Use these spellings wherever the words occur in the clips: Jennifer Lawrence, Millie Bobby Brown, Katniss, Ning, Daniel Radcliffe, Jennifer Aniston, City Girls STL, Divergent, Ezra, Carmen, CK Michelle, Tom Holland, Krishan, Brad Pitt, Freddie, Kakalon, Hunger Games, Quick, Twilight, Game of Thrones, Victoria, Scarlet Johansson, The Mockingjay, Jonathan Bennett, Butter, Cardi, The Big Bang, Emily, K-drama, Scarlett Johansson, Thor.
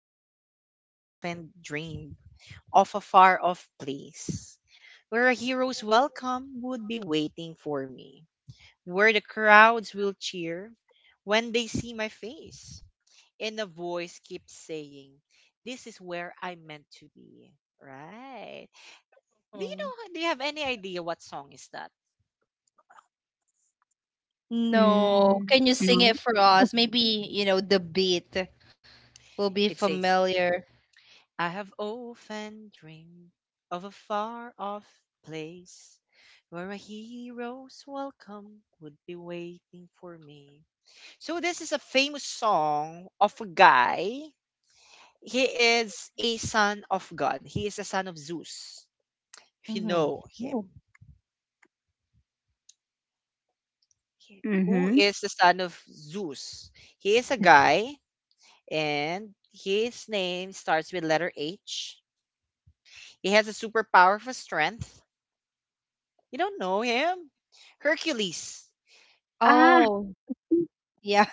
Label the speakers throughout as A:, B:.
A: I have often dreamed of a far off place where a hero's welcome would be waiting for me, where the crowds will cheer when they see my face, and a voice keeps saying, this is where I'm meant to be. Right. Do you
B: Mm.
A: know, do you have any idea what song is that?
B: No.
C: Hm,
B: Can you sing
C: no.
B: it for us? Maybe, you know, the beat will be
A: It says,
B: familiar.
A: I have often dreamed of a far off place where a hero's welcome would be waiting for me. So this is a famous song of a guy. He is a son of God, he is a son of Zeus, if you
B: Mm-hmm.
A: know him.
C: Oh.
A: Who
C: Mhm.
A: is the son of Zeus? He is a guy, and his name starts with letter H. He has a superpower for strength. You don't know him? Hercules.
C: Ah,
B: Oh, yeah.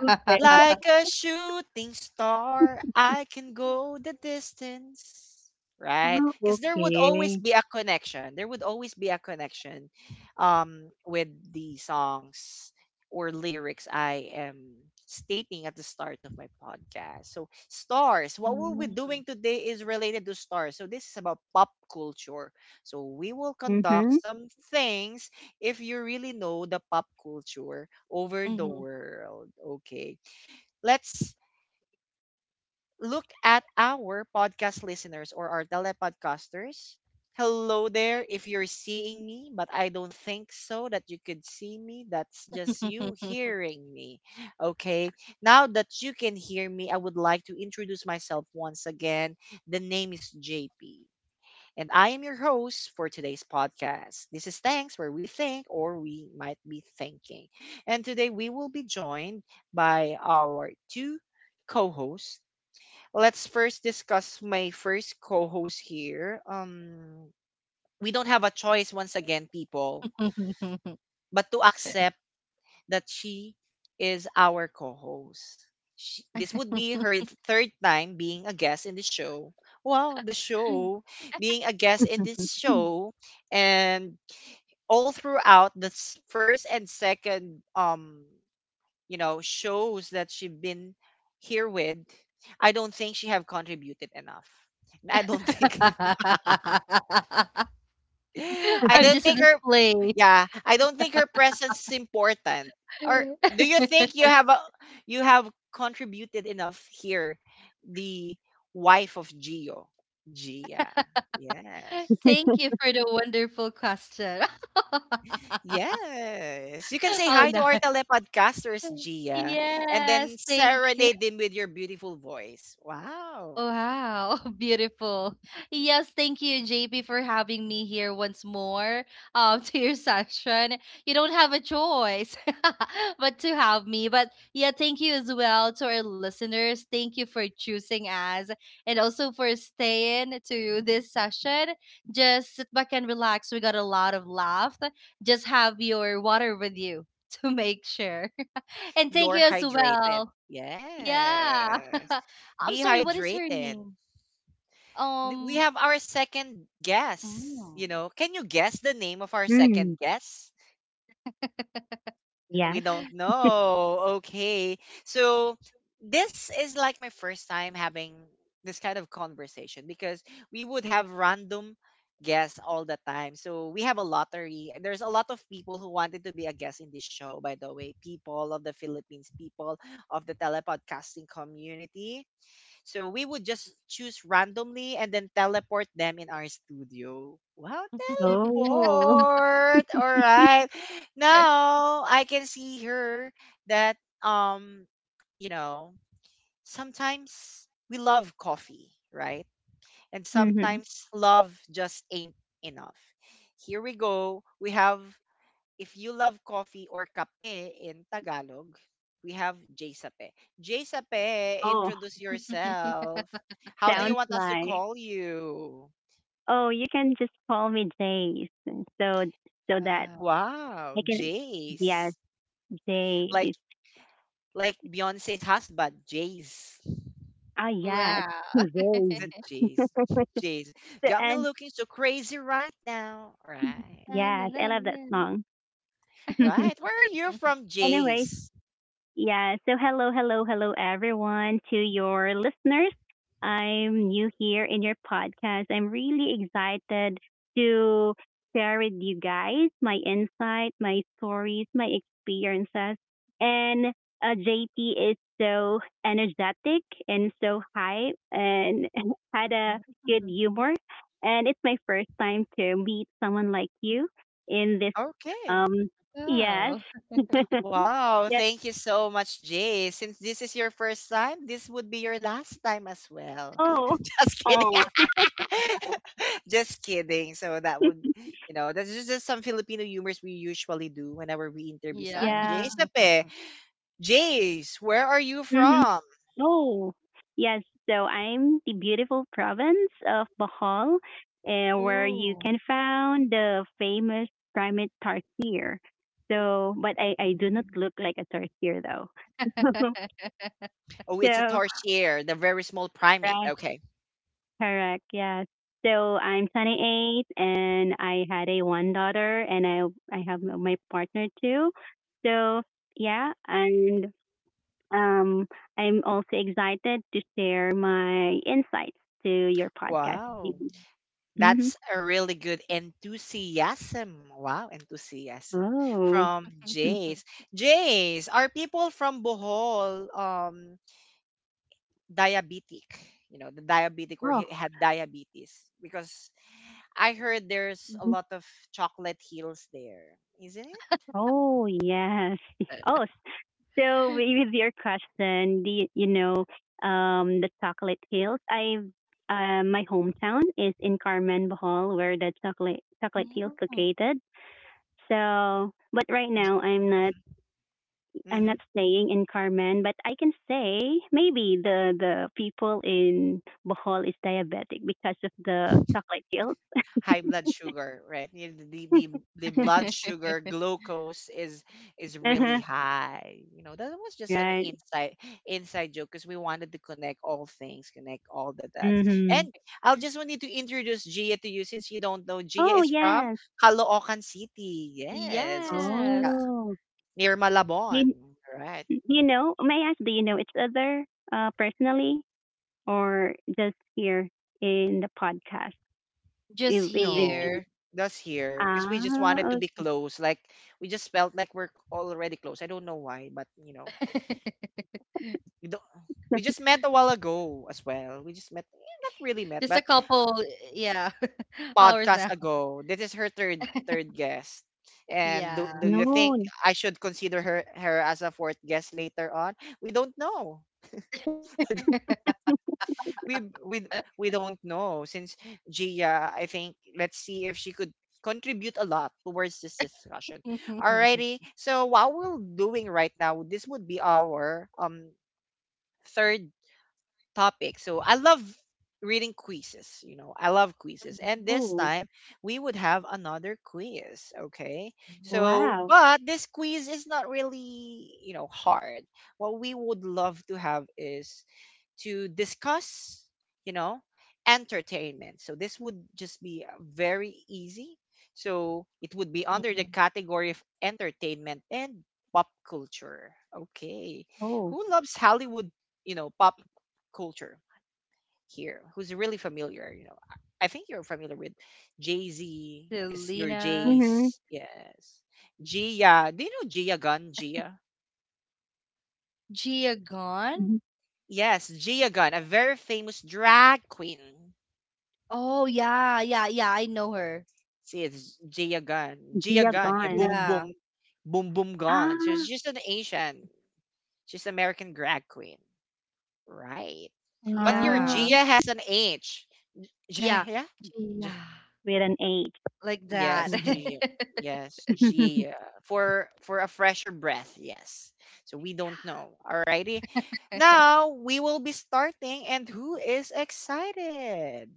C: okay.
A: Like a shooting star, I can go the distance. Right?
C: Ah,
A: Because there would always
C: okay.
A: be a connection. There would always be a connection with the songs or lyrics I am stating at the start of my podcast. So, stars, what we'll
B: Mm,
A: be doing today is related to stars. So this is about pop culture. So we will
C: Mhm.
A: conduct some things if you really know the pop culture over the
B: mhm.
A: world. Okay. Let's look at our podcast listeners or our telepodcasters. Hello there, if you're seeing me, but I don't think so that you could see me. That's just you hearing me. Okay, now that you can hear me, I would like to introduce myself once again. The name is JP. And I am your host for today's podcast. This is Thanks, where we think or we might be thinking. And today we will be joined by our two co hosts. Let's first discuss my first co host here. We don't have a choice once again, people, but to accept that she is our co-host. Sh This would be her third time being a guest in the show. Wow, the show. Being a guest in this show and all throughout the first and second shows that she's been here with, I don't think she have contributed enough. I don't think I
B: I'm
A: don't
B: just a
A: think her
B: display.
A: yeah, I don't think her presence is important. Or do you think you you have contributed enough here? The wife of Gio, Gia. Yes.
B: Thank you for the wonderful question.
A: Yes. You can say
B: Oh,
A: hi
B: no.
A: to our telepodcasters, Gia, and then
B: Yes, thank you.
A: serenade them with your beautiful voice. Wow.
B: Wow, beautiful. Yes, thank you, JP, for having me here once more to your session. You don't have a choice but to have me. But yeah, thank you as well to our listeners. Thank you for choosing us and also for staying to this session. Just sit back and relax. We got a lot of laugh. Just have your water with you to make sure. And thank
A: You're
B: you as
A: hydrated.
B: well. Yeah.
A: Yes.
B: I'm
A: Be
B: sorry, what is her
A: hydrated.
B: name?
A: We
B: Um,
A: have our second guess. You
B: mm.
A: know, can you guess the name of our second
C: Mm,
A: guess? We
C: yes.
A: don't know. Okay. So this is like my first time having this kind of conversation because we would have random guests all the time. So we have a lottery. There's a lot of people who wanted to be a guest in this show, by the way. People of the Philippines, people of the telepodcasting community. So we would just choose randomly and then teleport them in our studio. Wow,
C: Oh.
A: teleport. All right. Now I can see here that you know, sometimes we love coffee, right? And
C: Mhm.
A: sometimes love just ain't enough. Here we go. We have if you love coffee or kape in Tagalog, we have Jsape. Jsape,
C: Oh,
A: introduce yourself. How do you
C: sounds
A: want us to
C: like,
A: call you?
C: "Oh, you can just call me Jace." so so that I
A: Wow,
C: can. Yes,
A: Jace. Like
C: Jace.
A: like Beyonce's husband, Jace.
C: Ah,
B: Wow. Wow.
C: yes.
A: Is
C: Jace.
A: it Jace? Jace.
C: So.
A: Got me
C: And
A: looking so crazy right now. Right.
B: Ah, na,
C: yes,
B: na,
C: I love
B: na,
C: that song.
A: Right. Where are you
B: na.
A: from,
C: Anyways,
A: Jace?
C: yeah, so hello, hello, hello, everyone, to your listeners. I'm new here in your podcast. I'm really excited to share with you guys my insight, my stories, my experiences. And JP is so energetic and so hype and had a good humor. And it's my first time to meet someone like you in this.
A: Okay.
C: Um, yes.
B: Wow.
A: Wow, thank you so much, Jay. Since this is your first time, this would be your last time as well.
C: Oh,
A: Just kidding.
C: oh,
A: Just kidding. So that would, you know, that's just some Filipino humors we usually do whenever we interview
B: Yeah.
A: someone. Jay,
C: yeah.
A: sape, Jace, where are you
C: Mm-hmm.
A: from?
C: Oh, yes. So I'm the beautiful province of Bohol, where you
B: Oh.
C: can find the famous primate tarsier. So, but I do not
B: Mm.
C: look like a tarsier though.
A: Oh, it's a
C: So,
A: tarsier, the very small primate.
C: right,
A: Okay.
C: correct, yes. So I'm 28 and I had a one daughter, and I have my partner too. So yeah. And Um, I'm also excited to share my insights to your podcast.
A: Wow.
C: Mm-hmm.
A: That's a really good enthusiasm. Wow, enthusiasm
C: Oh,
A: from
C: mm,
A: Jace. Jace, are people from Bohol diabetic? You know, the diabetic or
C: oh,
A: had diabetes? Because I heard there's a
C: mhm,
A: lot of chocolate hills there, isn't it?
C: oh, yes. Oh, so with your question, do you, you know, the chocolate hills? I My hometown is in Carmen, Bohol, where the chocolate hills
B: Mm.
C: located. So, but right
A: D-
C: now I'm not I'm
A: Mhm.
C: not staying in Carmen, but I can say maybe the people in Bohol is diabetic because of the chocolate hills.
A: High blood sugar, right? The blood sugar glucose is really
C: Uh-huh.
A: high. You know, that was just an
C: Right.
A: inside joke because we wanted to connect all things, connect all the dots. And
C: Mhm.
A: I'll just wanted to introduce Gia to you since you don't know. Gia
C: Oh,
A: is from
C: yes.
A: Caloocan City. Yes, it's in,
B: Yes.
C: Oh.
A: near
C: Do
A: Malabon.
C: you,
A: Right?
C: do you know? May I ask, do you know each other personally, or just here in the podcast?
B: Just
C: If it's
B: here.
C: the-
A: No. That's here because we just
C: ah,
A: wanted to be
C: oh,
A: close. Like we just felt like we're already close. I don't know why, but you know, we don't we just met a while ago as well. We just met eh, not really
B: Just a
A: met, but
B: couple, eh, yeah, hours now.
A: podcast ago. This is her third guest. And
B: Yeah.
A: do you
C: no,
A: think I should consider her as a fourth guest later on? We don't know. We we don't know since Gia, I think let's see if she could contribute a lot towards this discussion. Alrighty. So what we're doing right now, this would be our third topic. So I love reading quizzes, you know. I love quizzes. And this
C: oh,
A: time we would have another quiz, okay? So,
C: wow,
A: but this quiz is not really, you know, hard. What we would love to have is to discuss, you know, entertainment. So this would just be very easy. So it would be under the
B: Mhm.
A: category of entertainment and pop culture. Okay.
C: oh,
A: Who loves Hollywood, you know, pop culture here? Who's really familiar, you know? I think you're familiar with Jay-Z because you're
B: Selena
C: mhm,
A: Jay's. Yes. Gia. Do you know Gia Gunn? Gia?
B: Gia Gone.
C: mm-hmm.
A: Yes, Gia Gunn, a very famous drag queen.
B: Oh, yeah, yeah, yeah. I know her.
A: See, it's Jia Gunn. Jia
C: Dia
A: Gunn. Yeah,
C: gone,
A: boom,
B: Yeah,
A: boom, boom, boom, gone. So she's
C: ah.
A: just an Asian. She's American drag queen. Right. But
B: yeah,
A: your
C: Wow,
A: Gia has an H.
B: yeah,
A: Yeah, yeah.
B: Gia,
A: J-
C: with an H.
B: like that.
A: yes,
C: Mhm.
A: Gia. Yes, Gia. For a fresher breath, yes. So we don't know. Alrighty. Now we will be starting and who is excited?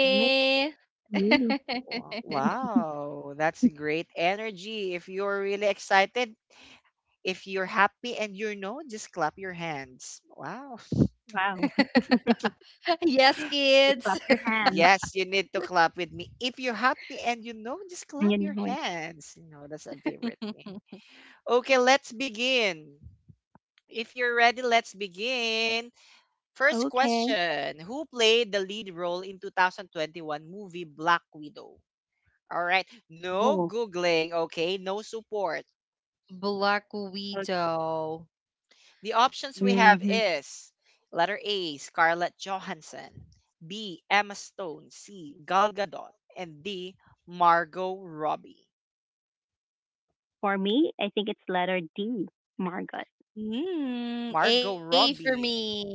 C: Alright, really?
A: Wow, that's great energy. If you're really excited, if you're happy and you're known, just clap your hands. Wow.
C: Wow,
B: Yes,
C: you
B: kids.
C: clap your hands
A: Yes, you need to clap with me. If you're happy and you know, just
C: and
A: clap
C: you
A: your
C: know it.
A: hands. You know, that's a favorite thing. Okay, let's begin. If you're ready, let's begin. First
C: Okay.
A: question. Who played the lead role in 2021 movie Black Widow? All right, no
C: Oh,
A: Googling, okay? No support.
B: Black
C: so,
B: Widow.
A: The options we have
C: mhm.
A: is letter A, Scarlett Johansson, B, Emma Stone, C, Gal Gadot, and D, Margot Robbie.
C: For me, I think it's letter D, Margot.
B: Mm,
A: Margot
B: A for
A: Robbie.
B: me.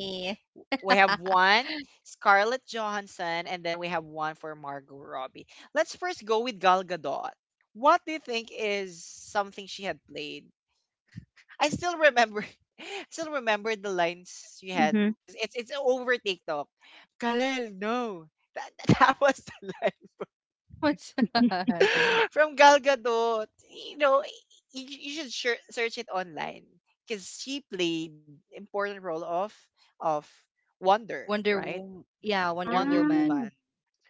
A: We have one Scarlett Johansson, and then we have one for Margot Robbie. Let's first go with Gal Gadot. What do you think is something she had played? I still remember, I still remember the lines she had
C: Hmm.
A: because it's over TikTok. Kalel, no, that, that was the line.
B: What's that?
A: From Gal Gadot. You know, you should sure, search it online because she played important role of Wonder,
B: Wonder
A: right?
B: Wo- yeah, Wonder
A: Wonder
C: Ah,
B: Woman.
A: Woman.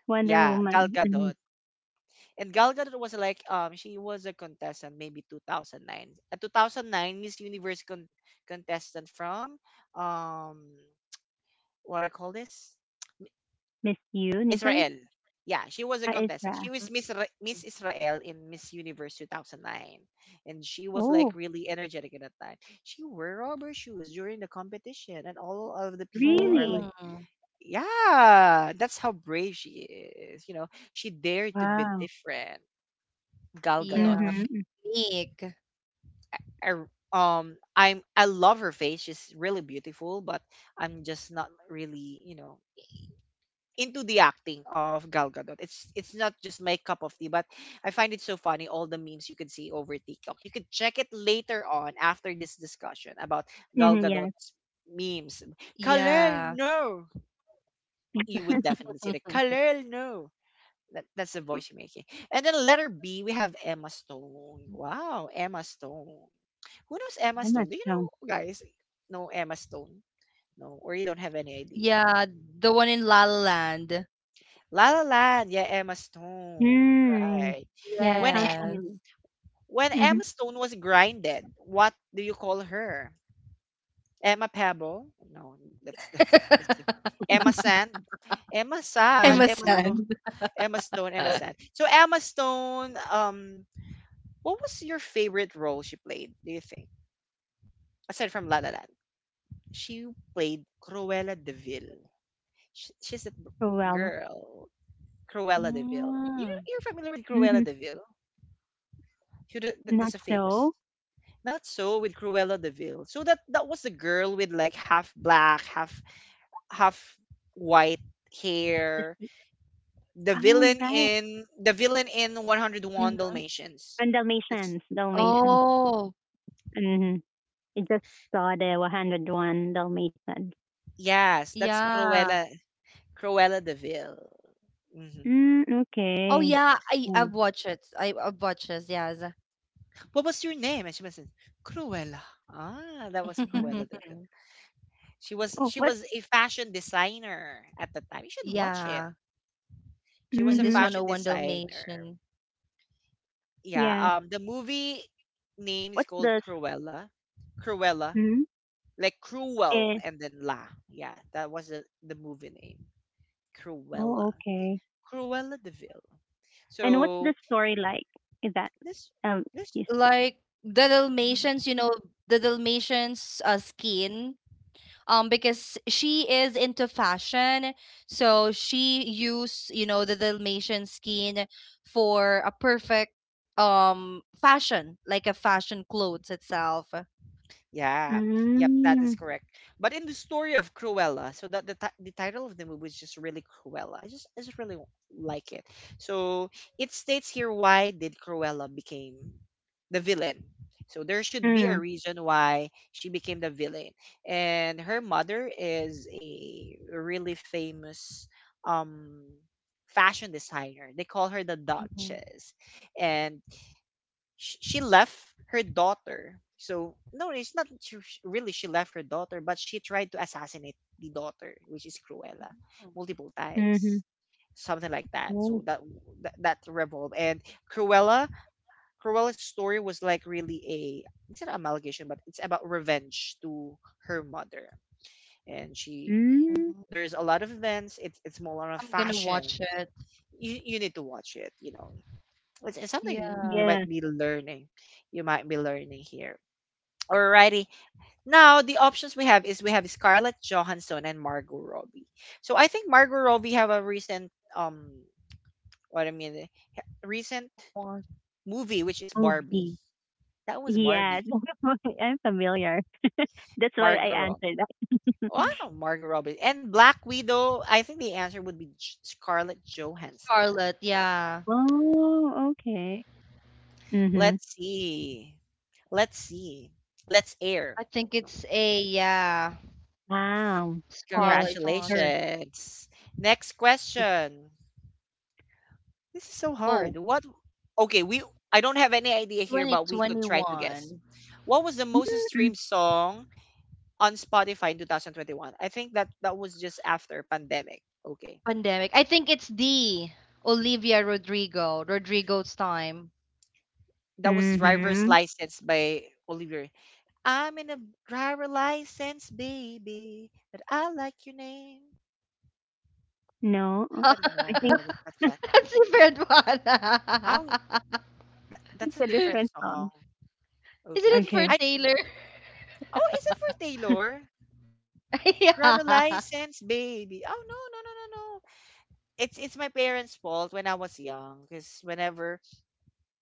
C: Wonder
A: Yeah, Gal
C: Woman, mhm.
A: Gadot. And Gal Gadot was like she was a contestant maybe 2009. A 2009 Miss Universe contestant from um what I call this?
C: Miss Universe,
A: Israel. Yeah, she was a contestant. She
C: Ezra.
A: was Miss Israel in Miss Universe 2009, and she was like
C: Oh,
A: really energetic at that time. She wore rubber shoes during the competition, and all of the people are like,
C: really?
B: Mm,
A: "Yeah, that's how brave she is." You know, she dared to be
C: Wow.
A: different. Gal Gadot.
B: yeah,
C: Mm-hmm.
B: Meek.
A: I, I- I'm I love her face. She's really beautiful, but I'm just not really, you know, into the acting of Gal Gadot. It's not just my cup of tea, but I find it so funny all the memes you can see over TikTok. You can check it later on after this discussion about Gal
C: Mm-hmm. Yes,
A: Gadot's memes. Kalel,
B: Yeah.
A: no, you would definitely see that. Kalel, no. That's the voice you're making. And then letter B, we have Emma Stone. Wow, Emma Stone. Who knows Emma
C: I
A: Stone?
C: must
A: Do you
C: know.
A: know, guys? No Emma Stone? No, or you don't have any idea.
B: Yeah, the one in La La Land.
A: La La Land, yeah, Emma Stone,
C: Mm.
A: right?
C: Yeah,
A: When
C: sounds
A: E-
C: familiar.
B: Yes.
A: when
C: Mm-hmm.
A: Emma Stone was grinded, what do you call her? Emma Pebble? No, that's it. Emma Sand, Emma Sand,
B: Emma
A: Emma Stone,
C: Amazon,
B: Sand.
A: Emma Stone, Emma Sand. So Emma Stone, what was your favorite role she played? Do you think aside from La La Land, she played Cruella De Vil. Sh She's a
C: Cruella.
A: girl, Cruella De Vil. You know,
B: Mm,
A: you're familiar with Cruella
C: Mm-hmm.
A: De Vil? She That that's
C: Not
A: a famous.
C: so?
A: Not so with Cruella De Vil. So that that was the girl with like half black, half white hair.
C: Oh, you're right.
A: The villain in 101
B: mhm.
A: Dalmatians.
C: And
A: That's
C: Dalmatians, Dalmatians.
B: Oh,
C: Hmm. I just saw the 101 Dalmatians.
A: Yes, that's
B: yeah.
A: Cruella De Vil. Hmm
C: Mm,
B: Oh,
C: okay.
B: yeah, I've
C: Oh,
B: watched it. I've watched it, yes.
A: What was your name? And she was like, Cruella. Ah, that was
C: yeah.
A: Cruella De Vil.
C: Oh
A: She
C: what's,
A: was a fashion designer at the time. You should watch
B: Yeah.
A: it. She
B: In
A: was a
B: this
C: mm-hmm,
A: fashion
B: 101
A: designer.
B: Dalmatian.
A: Yeah,
C: yes.
A: the movie name is
C: What's
A: called
C: the,
A: Cruella. Cruella,
C: mm,
A: like cruel
C: eh,
A: and then la. Yeah, that was the movie name. Cruella.
C: oh, okay.
A: Cruella De Vil.
C: And what's the
A: So
C: story like? Is that,
A: this this,
C: excuse.
B: Like the Dalmatians, you know, the Dalmatians skin because she is into fashion. So she used, you know, the Dalmatian skin for a perfect fashion, like a fashion clothes itself.
A: yeah, yep, that is
C: Mm,
A: correct. But in the story of Cruella, so that the title of the movie is just really Cruella. I just really like it. So it states here, why did Cruella became the villain. So there should be a
C: mm,
A: reason why she became the villain. And her mother is a really famous um fashion designer. They call her the
B: Mhm.
A: Duchess. And she left her daughter. So no, it's not really she left her daughter, but she tried to assassinate the daughter, which is Cruella,
B: Oh,
A: multiple
C: mm-hmm.
A: times, something like that.
C: Oh,
A: So that revolved. And Cruella, Cruella's story was like really a, it's not amalgamation, but it's about revenge to her mother. And she,
B: Mhm.
C: mm,
A: there is a lot of events. It's more on
B: I'm
A: a
B: gonna watch
A: fashion.
B: it.
A: You need to watch it. You know, it's something you
B: Yeah.
A: might
C: yeah,
A: be learning you might be learning here. Alrighty. Now the options we have is we have Scarlett Johansson and Margot Robbie. So I think Margot Robbie have a recent what I mean, recent
B: Watch.
A: movie, which is Barbie.
C: movie.
A: That was
C: Yes,
A: Barbie.
C: I'm familiar. That's why
A: Margot
C: I
A: Robbie.
C: answered.
A: Wow, Margot Robbie and Black Widow. I think the answer would be Scarlett Johansson.
B: Scarlet, yeah.
C: Oh, okay. Mhm.
A: Let's see. Let's see. Let's air.
B: I think
A: No.
B: it's a yeah.
C: Wow.
B: Scarlet
C: Yes,
B: Johansson.
C: sure.
A: Congratulations. Next question. This is so
B: Oh,
A: hard. What? Okay, we. I don't have any idea here, but we could try to guess.
B: 2021
A: What was the most
C: Mhm.
A: streamed song on Spotify in 2021? I think that that was just after pandemic. Okay,
B: pandemic. I think it's the Olivia Rodrigo, Rodrigo's time.
A: that was "Driver's
C: Mhm.
A: License" by Oliver. I'm in a driver license, baby, but I like your name.
C: No,
A: Is that
C: I
A: no, no,
C: think
A: no, that's that.
B: That's different one.
A: Oh,
C: it's
A: that's a
C: a
A: different
C: different song.
A: song.
B: Isn't
A: Okay,
B: it for
C: Okay.
A: I.
B: Taylor?
A: Oh, is it for Taylor? Driver
B: yeah.
A: license, baby. Oh no, no, no, no, no. It's my parents' fault when I was young, because whenever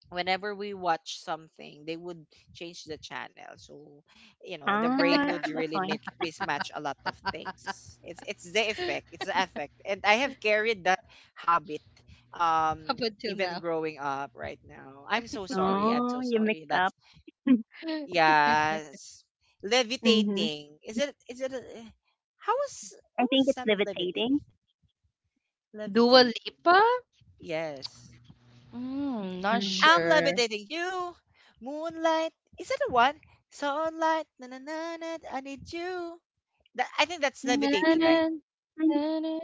A: whenever we watch something, they would change the channel. So, you know, the brain
C: Ah,
A: would
C: that's
A: really
C: fine.
A: make mismatch a lot of things. It's the effect. It's the effect. And I have carried that habit, um
B: Up
A: even
B: until now.
A: growing up right now. I'm so sorry. I'm
C: Oh,
A: so
C: you
A: sorry.
C: mixed up.
A: That's yes.
C: Mhm.
A: Levitating. Is it a, how was
C: I
A: what was
C: think
A: the
C: it's
A: sound of
C: levitating.
A: levitating?
B: Dua
A: Levitating.
B: Lipa?
A: Yes.
B: Mm,
C: Mm.
B: not
A: I'm levitating
B: sure.
A: you. Moonlight. Is that the one? Sunlight. Na na na na. I need you. That, I think that's
B: Na,
A: levitating, right?
B: na, na, na.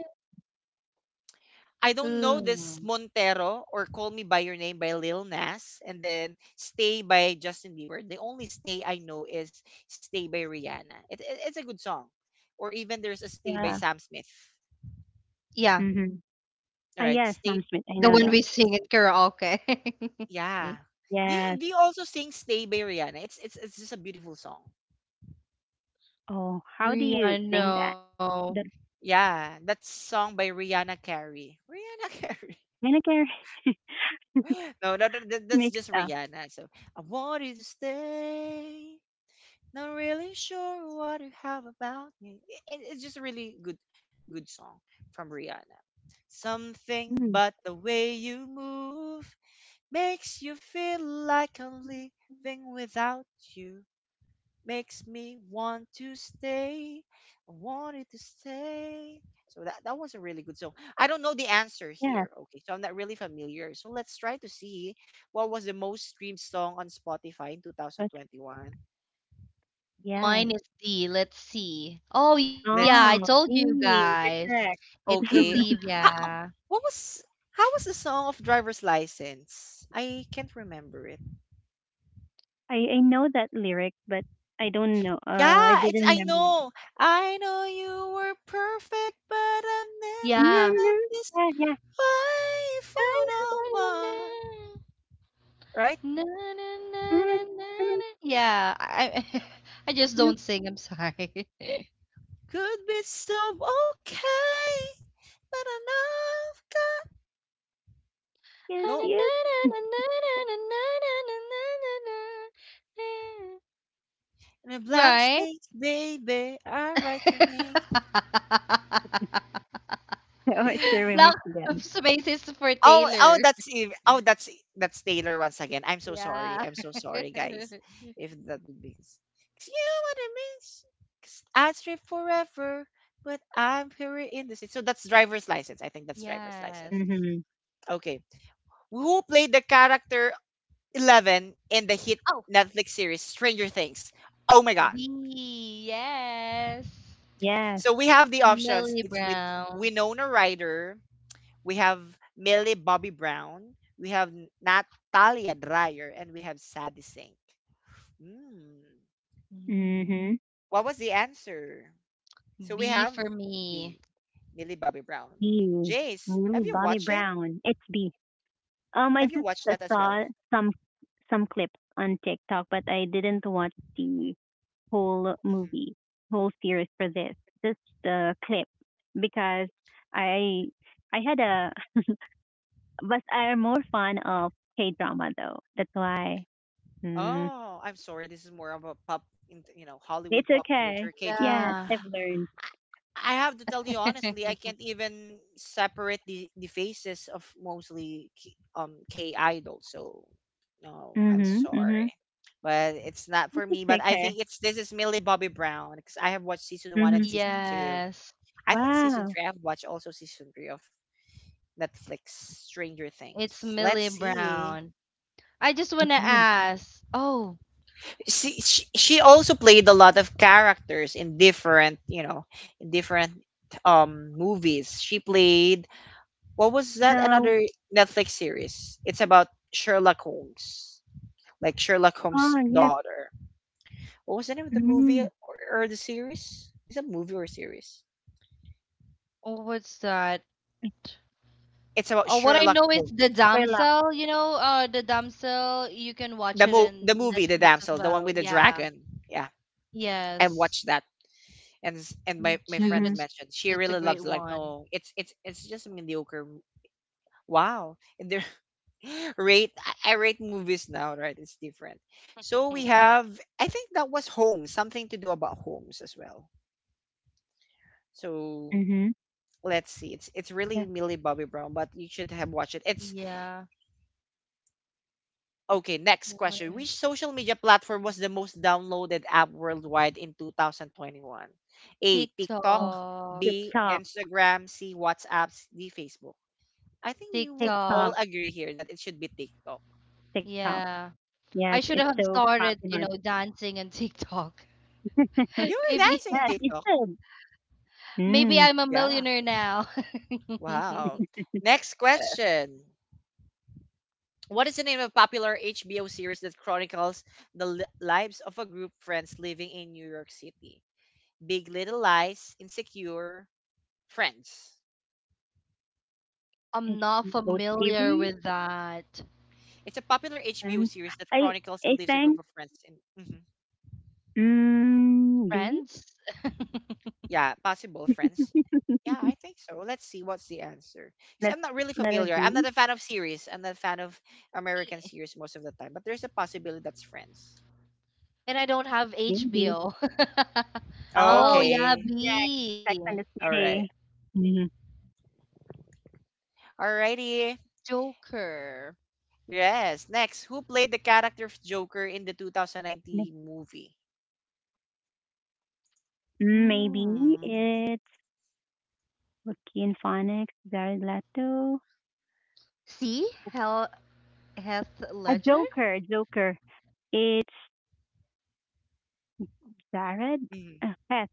A: I don't know this
B: Mm.
A: Montero or Call Me by Your Name by Lil Nas, and then Stay by Justin Bieber. The only Stay I know is Stay by Rihanna. It's a good song. Or even there's a Stay by
C: Yeah.
A: Sam Smith.
B: Yeah,
C: Mhm.
A: All
C: Ah,
A: right,
C: yes, Mom
A: Stay.
C: Smith. I know
B: the
C: that.
B: one we sing in karaoke.
A: Yeah. Do, you-
C: Yes.
A: do you also sing Stay by Rihanna? It's just a beautiful song.
C: Oh, how do you sing that?
B: Rihanna.
C: The
A: Yeah, that's song by Rihanna Carey. Rihanna Carey.
C: vinegar.
A: No, no, no, that's
C: Mixed
A: just
C: up.
A: Rihanna. So I wanted to stay. Not really sure what you have about me. It's just really good, good song from Rihanna. Something
C: Mm.
A: but the way you move makes you feel like I'm living without you, makes me want to stay. I wanted to stay. So that was a really good song. I don't know the answer
C: Yes.
A: here. Okay, so I'm not really familiar. So let's try to see what was the most streamed song on Spotify in
C: That's,
A: 2021.
C: yes.
B: Mine is D. Let's see. Oh, yeah,
C: Oh,
B: I
A: Let's
B: told you
C: dang, you're
B: guys.
C: correct.
B: It's
A: okay. How,
B: Olivia.
A: what was, how was the song of Driver's License? I can't remember it.
C: I know that lyric, but I don't know. I
A: Yeah, it's
C: didn't
A: I
C: remember.
A: know. I know you were perfect, but I've never
B: Yeah.
C: No, no,
A: felt this
C: yeah, yeah.
A: life on
C: Ah,
A: our mind, right?
B: Na, na, na, na,
C: ah,
B: na, na,
C: ah,
B: na. Yeah, I I just
C: yes,
B: don't sing. I'm sorry.
A: Could be so okay, but I know I've got
C: yes,
A: no
C: yes.
A: in a blank
B: Right?
A: space, baby. I write your name.
C: Oh, it's the remix
B: Lack of
C: again.
B: spaces for
A: Oh, oh,
B: Taylor.
A: that's Eve. Oh, that's e, that's Taylor once again. I'm so sorry.
B: Yeah.
A: I'm so sorry, guys. If that would be, 'cause you what it means. 'Cause I strip forever, but I'm here in the city. So that's driver's license. I think that's driver's license.
B: Yes.
C: Mm-hmm.
A: Okay, who played the character 11 in the hit
B: Oh.
A: Netflix series Stranger Things? Oh my god.
B: B, yes.
C: Yes.
A: So we have the options.
B: Millie
A: It's with
B: Brown.
A: Winona Ryder, we have Millie Bobby Brown, we have Natalia Dreyer, and we have Sadie Sink. Hmm.
B: Mm.
C: Mm-hmm.
A: What was the answer? So we
B: B
A: have
B: for me.
A: B, Millie Bobby Brown.
C: B.
A: Jace,
C: Really,
A: have you
C: Bobby
A: watched it?
C: Brown. It's B. I
A: Have you
C: just
A: watched that as well?
C: saw some some clips on TikTok, but I didn't watch the whole
A: Hmm.
C: movie, whole series for this clip because I I had a- but I'm more fan of K drama though. That's why, mm,
A: Oh, I'm sorry. This is more of a pop, you know, Hollywood
C: it's
A: pop culture
C: okay.
A: K drama.
C: Yes,
B: Yeah.
C: I've learned.
A: I have to tell you honestly, I can't even separate the faces of mostly K idols. So no, I'm
C: Mhm, mhm.
A: sorry, but it's not for me.
C: It's
A: But I think
C: okay.
A: it's this is Millie Bobby Brown because I have watched season one and
C: Mhm.
A: season two.
B: Yes,
A: I think season
C: Wow.
A: three. I've watched also season three of Netflix Stranger
B: it's
A: Things. Let's
B: Millie
A: see.
B: Brown. I just want to
C: Mhm.
B: ask. Oh,
A: She also played a lot of characters in different you know in different movies. She played, what was that?
C: So,
A: Another Netflix series. It's about Sherlock Holmes, like Sherlock
C: oh,
A: Holmes'
C: yes.
A: daughter. What was the name of the movie,
C: Mhm.
A: or the series? Is it a movie or a series?
B: oh, what's that?
A: It's about
B: Oh, what I
A: Sherlock
B: know is the
A: Holmes.
C: Thriller.
B: damsel. You know, the damsel. You can watch
A: The
B: it
A: mo- the
B: in
A: movie, the
B: Netflix as
A: damsel, the one
B: well.
A: with the
B: Yeah.
A: dragon. Yeah, and
B: Yes.
A: watched that. And my,
B: Me
A: my
B: too.
A: friends
C: Mhm,
B: That's
A: mentioned she
B: that's a
A: really loves
B: great
A: it. Like
B: one.
A: no, it's just mediocre. Wow, and there rate I rate movies now, right? It's different. So we have, I think that was Homes, something to do about Homes as well. So
C: mhm.
A: let's see. It's
C: Yes.
A: really Millie Bobby Brown, but you should have watched it. It's
B: Yeah.
A: okay, next question. Which
B: Wish.
A: social media platform was the most downloaded app worldwide in 2021? A TikTok,
C: Oh,
B: TikTok.
A: B
C: TikTok,
A: Instagram, C WhatsApp, D Facebook. I think we would all
C: TikTok,
B: TikTok.
A: agree here that it should be TikTok.
C: TikTok.
B: Yeah.
C: Yes,
B: I should
C: it's
B: have
C: so
B: started, you
C: popular.
B: know, dancing and TikTok.
A: You
C: Yes,
A: were
B: Maybe
A: dancing
C: it's
A: TikTok.
C: good.
B: maybe
C: Mm,
B: I'm a
A: Yeah.
B: millionaire now.
A: Wow. Next question. What is the name of popular HBO series that chronicles the lives of a group of friends living in New York City? Big Little Lies, Insecure, Friends.
B: I'm
C: it's
B: not
C: those
B: familiar
C: series,
B: with that.
A: It's a popular HBO
C: and
A: series that
C: I
A: chronicles
C: I
A: and lives a
C: think
A: group of friends in. Mhm.
C: mm, B.
B: Friends?
A: Yeah, possible friends. Yeah, I think so. Let's see what's the answer. 'Cause
C: Let's
A: I'm not really
C: let her
A: familiar. I'm
C: be.
A: not a fan of series. I'm not a fan of American
B: Me.
A: series most of the time. But there's a possibility that's Friends.
B: And I don't have
C: Maybe.
B: HBO. Oh,
C: Oh,
B: yeah,
A: Okay.
C: next,
B: B.
C: Sex and the
A: All right.
C: City. Hmm.
A: Alrighty.
B: Joker.
A: Yes. Next, who played the character of Joker in the
C: ne-
A: 2019 movie?
C: Maybe
B: Mm.
C: it's Joaquin Phoenix, Jared Leto,
B: See? Hell Heath
C: a
B: Ledger?
C: Joker. It's Jared.
A: Mhm.
C: Pet.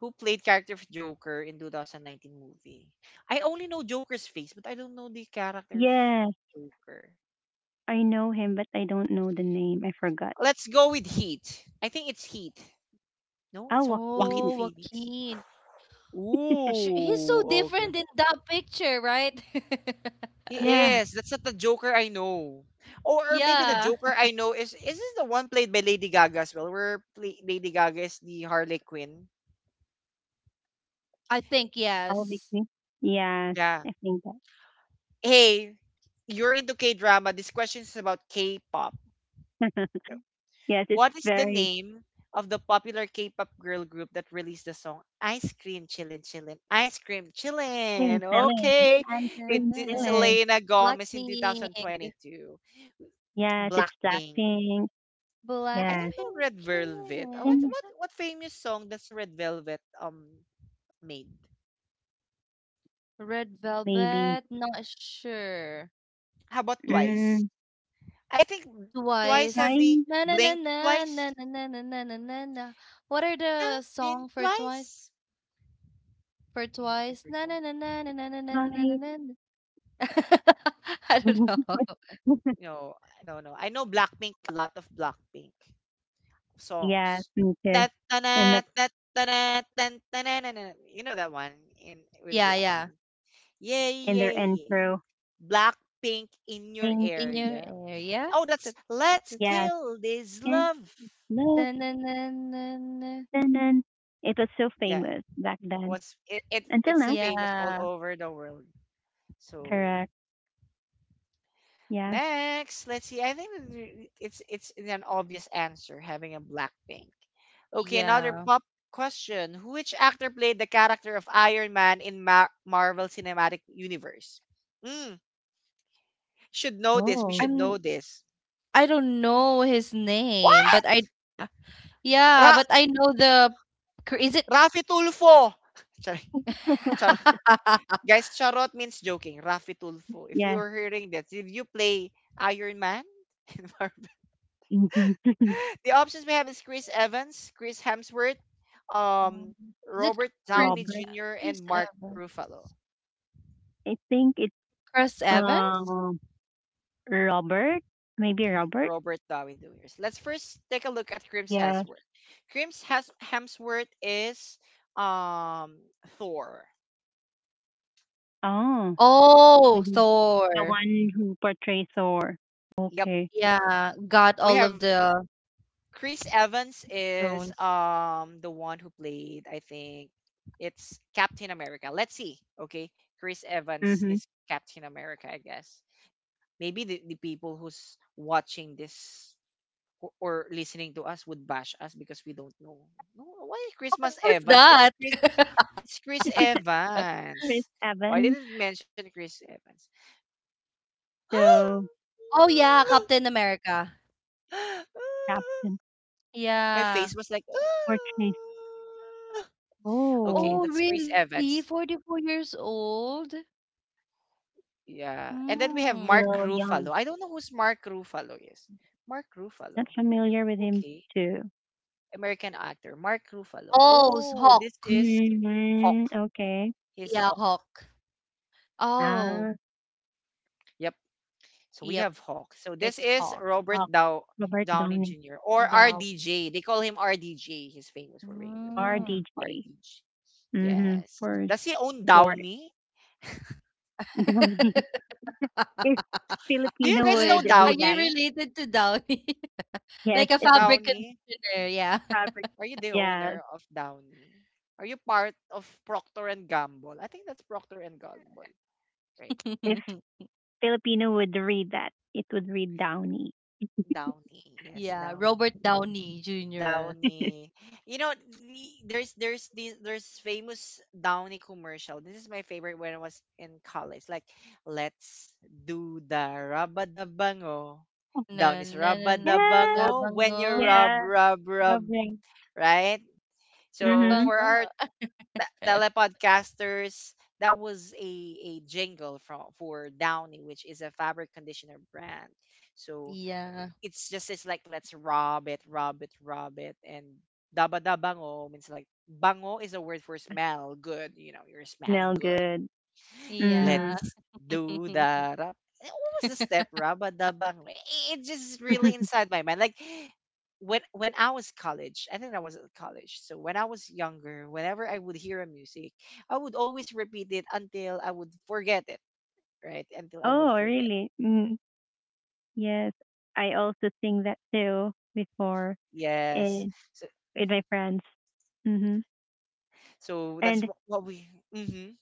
A: Who played character of Joker in 2019 movie? I only know Joker's face, but I don't know the character of
C: Yes,
A: Joker.
C: I know him, but I don't know the name. I forgot.
A: Let's go with Heat. I think it's Heat. No,
C: Oh,
A: it's Joaquin
C: Joaquin.
B: Oh,
A: Phoenix.
B: Joaquin. Sh he's so
A: Ooh,
B: different
A: okay.
B: in that picture, right?
A: He
C: Yeah,
A: is. That's not the Joker I know. Or maybe the
B: Yeah,
A: Joker I know is this the one played by Lady Gaga as well, where play, Lady Gaga is the Harley Quinn?
B: I think
C: I'll be.
B: yes.
C: Yes,
A: Yeah.
C: I think
A: Hey, you're into K drama. This question is about K pop.
C: that. Yes, it's
A: What is the
C: very
A: name of the popular K pop girl group that released the song Ice Cream Chillin' Chillin'? Ice Cream
C: Green
A: Chillin'.
C: Chili.
A: Okay.
C: Ice
A: With
B: Blackpink,
C: cream Chili.
A: Selena Gomez in 2022.
C: Yes, it's
A: Blackpink.
C: Blackpink.
A: I
C: Yes,
A: don't know
B: Blackpink
A: Red
B: in your
A: Velvet. What
C: and
B: hair.
C: yes,
A: what famous song does Red Velvet made?
B: Red Velvet,
C: maybe.
B: not sure.
A: How about Twice?
C: Mm,
A: I think Twice have
B: Twice.
A: the
C: bye,
B: Na na na
A: Blink
B: na na
A: Twice.
B: na na na na na na na. What are the
A: Nothing
B: song for Twice?
A: Twice.
B: For Twice,
A: You know, I
B: na na
A: can't
B: na
A: recall.
B: na na na na na na na na,
C: bye.
B: na. I don't know.
A: No, I don't know. I know Blackpink, a lot of Blackpink
C: Yes,
A: songs.
C: me too.
A: That
C: In the,
A: that that you know that one in
B: Yeah,
A: with
B: yeah.
A: Black. Yay,
C: in their
A: yay, yay.
C: intro,
A: Blackpink in your
C: Pink.
B: In your
A: area.
B: area?
A: Oh,
B: Tut,
A: that's
B: tut,
A: Let's
B: tut, tut.
C: Yes,
A: Kill This
C: and
A: Love.
B: Na,
C: love,
B: na, na, na, na.
C: and then it was so
A: Yeah,
C: famous back then.
A: was it, it
C: Until
A: it's a
C: now,
B: Yeah,
A: famous all over the world. So
C: correct? Yes.
A: next, let's see. I think that it's an obvious answer having a Blackpink. Okay, another
B: yeah.
A: pop question. Which actor played the character of Iron Man in Marvel Cinematic Universe? Mm, should know this. We
C: Oh,
A: should
B: I'm
A: know this.
B: I don't know his name, but
A: What?
B: I uh, yeah,
A: Ra-
B: but I know the Chr- is it
A: Rafi Tulfo. Sorry, charot. Guys, charot means joking. Rafi Tulfo. If you
C: yes.
A: are hearing that, did you play Iron Man? The options we have is Chris Evans, Chris Hemsworth, um,
B: Mm. Is it
A: Robert
B: Chris
A: Downey
C: Robert.
A: Jr.,
B: Chris
A: and Mark
B: Evans?
A: Ruffalo.
C: I think it's
B: Chris Evans?
C: um Robert. Maybe Robert.
A: Robert Downey Jr. Let's first take a look at Chris
C: Yes.
A: Hemsworth. Chris Hemsworth is um Thor.
C: Oh,
B: Oh,
C: the one the
B: Thor.
C: one who portrays Thor.
A: Yep.
C: Okay.
B: Yeah, got
A: We
B: all of
A: have
B: the
A: Chris Evans is
B: stones.
A: the one who played, I think it's Captain America. Let's see. Okay. Chris Evans
C: Mm-hmm.
A: is Captain America, I guess. Maybe the people who's watching this or listening to us would bash us because we don't know. No, why Christmas
B: Who's
A: Evans?
B: that?
A: It's Chris, it's Chris
C: Chris
A: Evans. Why did
C: Evans,
A: it mention Chris Evans?
C: the
B: Oh, yeah, Captain America.
C: captain,
A: My
B: Yeah.
A: face was like
C: portrays.
A: "Ah." Okay,
C: Oh,
B: Oh,
A: that's Chris
B: really?
A: Evans.
B: 44 years old?
A: Yeah. And then we have
B: Hmm.
A: Mark
C: still young.
A: Ruffalo. I don't know who's Mark Ruffalo is. Mark
C: Not
A: Ruffalo.
C: familiar with him
A: Okay.
C: too.
A: American actor. Mark Ruffalo.
B: Oh, it's
A: Oh, this
B: Hawk.
A: is Hawk.
C: Hmm. Okay.
B: Yeah,
A: He's
B: Hawk.
A: Hawk.
B: Oh,
C: Ah,
A: Yep. So we
B: yep,
A: have Hawk. So this
B: it's
A: is
B: Hawk.
A: Robert
C: oh,
A: Dow-
C: Robert
A: Downey
C: Downey,
A: Jr. or
B: Down.
A: RDJ. They call him RDJ. He's famous for being this word.
B: Mm.
C: RDJ.
A: RDJ.
C: Mm-hmm.
A: Yes.
C: For
A: Does he own
C: short.
A: Downey?
C: If
A: Do you
C: Filipino
A: guys know
C: would
B: Are
C: read
B: you
C: that,
A: Downey?
B: related to Downey?
C: yes,
B: Like a
C: it's
B: fabric
A: Downey?
B: conditioner, yeah.
C: Robert.
A: Are you the
C: Yeah,
A: owner of Downey? Are you part of Procter and Gamble? I think that's Procter and Gamble, right?
C: if Filipino would read that, it would read Downey.
A: Downey. Yes,
B: Yeah,
A: Downey.
B: Robert Downey Jr.
C: Yes,
A: Downy. You know, there's there's famous Downy commercial. This is my favorite when I was in college. Like, let's do the rubba da bango.
B: Na
A: Downy's is
B: na na
A: rubba
B: na
A: da
B: na-
A: bango when
B: bango,
A: you rub
C: yeah,
A: rub rub,
C: lovely.
A: right? So
C: Mhm.
A: for
B: bango.
A: our telepodcasters, that was a jingle from for Downy, which is a fabric conditioner brand. So
B: Yeah,
A: it's like let's rub it, rub it, rub it, and daba dabango means like bango is a word for smell, good. You know, you're smelling
C: Smell
A: good.
C: good.
B: yeah.
C: Mhm.
A: Let's do the rub. What was the step? Raba dabango. It just really inside my mind. Like when I was college, I think I was at college. So when I was younger, whenever I would hear a music, I would always repeat it until I would forget it. Right? Until I would
C: Oh,
A: forget.
C: really? Mm, yes. I also sing that too before, eh,
A: Yes. So
C: with my friends. Mm-hmm.
A: so that's
C: And,
A: what, what we. Mhm.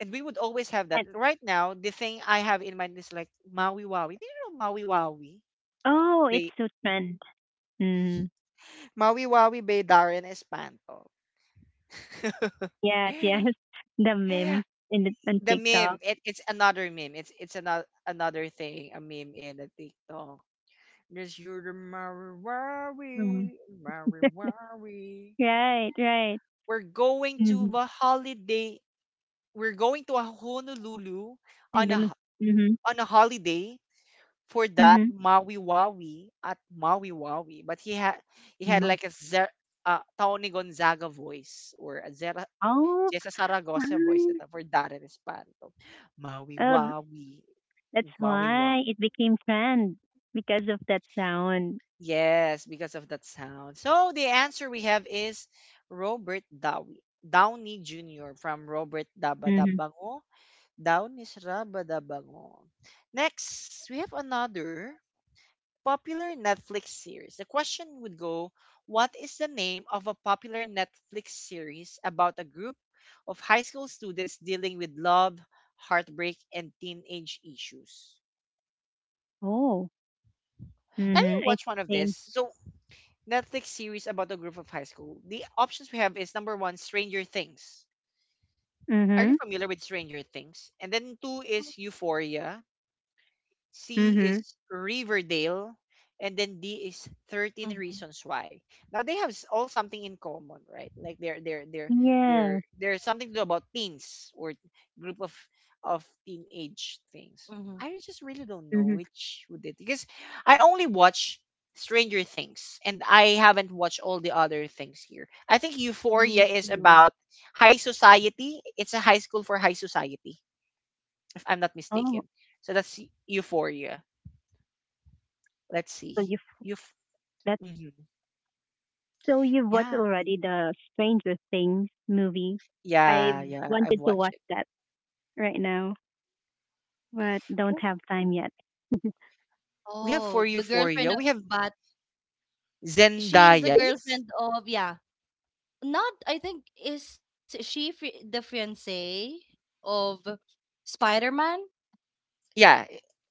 A: And we would always have that.
C: and,
A: Right now, the thing I have in mind is like Maui Wawi. Do you know Maui Wawi?
C: oh, it's
A: By
C: so trend. Mm.
A: Maui Wawi by Darren Espanto.
C: Yes, yes. The memes in the, on
A: The meme.
C: TikTok.
A: It's another meme. It's another thing. A meme in a TikTok. This you're the Maui
C: Mm.
A: Wawi, Maui Wawi.
C: Right, right.
A: We're going to
C: Mm-hmm.
A: a holiday. We're going to a Honolulu on a ho-
C: Mm-hmm.
A: on a holiday for that Maui Wawi at Maui Wawi. But he had
C: Mm-hmm.
A: like a Zer, Tony Gonzaga voice or a Zera,
C: Oh,
A: Jessa Saragossa voice
C: fun.
A: ito, for Darren Espanto. Maui
C: Oh,
A: Wawi.
C: that's
A: Maui Wawi.
C: why it became trend because of that sound.
A: Yes, because of that sound. So the answer we have is Robert Downey, Downey Jr. from Robert
C: Mm-hmm.
A: Dabadabango. Down is Rabadabango. Next, we have another popular Netflix series. The question would go: what is the name of a popular Netflix series about a group of high school students dealing with love, heartbreak, and teenage issues?
C: Oh.
A: Have you
C: Mm-hmm. I
A: watched one of this?
C: see.
A: So, Netflix series about a group of high school. The options we have is number one, Stranger Things. Are you
C: Mm-hmm.
A: familiar with Stranger Things? And then two is Euphoria. C
C: Mm-hmm.
A: is Riverdale, and then D is 13 Reasons Why. Now they have all something in common, right? Like they're
C: Yes.
A: there's something to do about teens or group of teenage things.
B: Hmm.
A: I just really don't know
C: Mm-hmm.
A: which would it because I only watch Stranger Things and I haven't watched all the other things here. I think Euphoria
B: Me
A: is
B: too.
A: about high society. It's a high school for high society, if I'm not
C: Oh.
A: mistaken. So that's Euphoria. Let's see.
C: So you have
A: You
C: that's
A: mm-hmm.
C: so you've watched
A: Yeah.
C: already the Stranger Things movie.
A: Yeah,
C: I
A: yeah, I've
C: wanted to
A: watched it.
C: watch that right now, but
A: Oh,
C: don't have time yet.
A: we
B: Oh,
A: have
B: the
A: for
B: girlfriend of
A: Euphoria. We have
B: Bat. She is the
A: Zendaya. Is it?
B: girlfriend of yeah. Not I think is she fi- the fiance of Spider-Man
A: Yeah,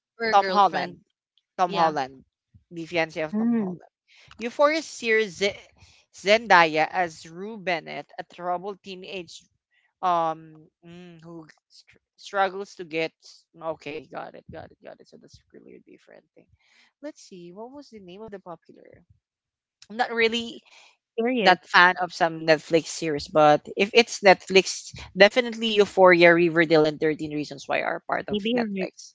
B: or
A: Tom
B: girlfriend?
A: Holland. Tom
B: Yeah.
A: Holland. The fiancé of Tom
C: Mm,
A: Holland. Euphoria series Zendaya as Rue Bennett, a troubled teenage who struggles to get. Okay, got it. So that's really a different thing. Let's see. What was the name of the popular? I'm not really
C: curious.
A: that fan of some Netflix series, but if it's Netflix, definitely Euphoria, Riverdale, and 13 Reasons Why are part of
C: Maybe, or are
A: Netflix.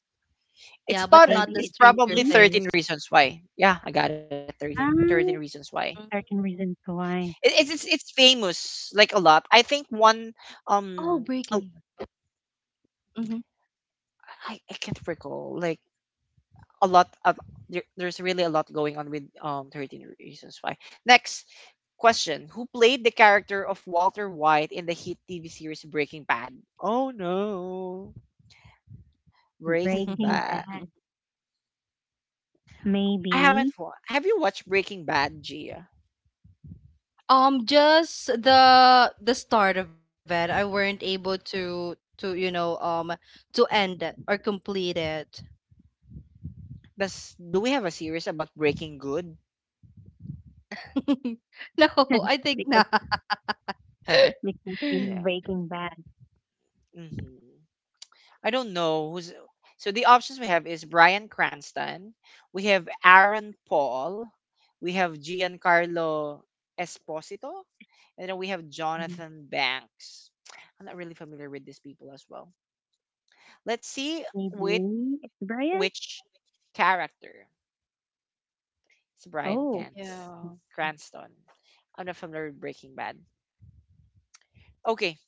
B: Yeah,
A: It's
B: but
A: part.
B: not the
C: maybe
A: It's
C: it's
B: Stranger
A: probably
C: me.
A: 13
B: Things.
A: Reasons Why. Yeah, I got it. 13 Reasons
C: Um,
A: Why.
B: Mhm.
C: Certain reasons
A: It,
C: why
A: it's famous like a lot. I think one
B: Oh, Breaking.
A: um oh,
B: Mhm.
A: I can't recall like a lot of there's really a lot going on with 13 Reasons Why. Next question, who played the character of Walter White in the hit TV series Breaking Bad? Oh no. Breaking
C: Breaking
A: Bad.
C: Bad.
A: I
C: Maybe
A: haven't wa- Have you watched Breaking Bad, Gia?
B: Just the start of it. I weren't able to you know to end it or complete it.
A: Does do we have a series about Breaking Good?
B: No, I think
C: because
B: not.
C: McMuffin,
A: Yeah.
C: Breaking Bad,
A: Hmm. I don't know who's. So the options we have is Brian Cranston, we have Aaron Paul, we have Giancarlo Esposito, and then we have
C: and
A: Jonathan Banks. I'm not really familiar with these people as well. Let's see with
C: maybe it's Brian.
A: which character is Brian
C: Oh,
B: Yeah,
A: Cans
C: it's
A: Cranston. I'm not familiar with Breaking Bad. Okay,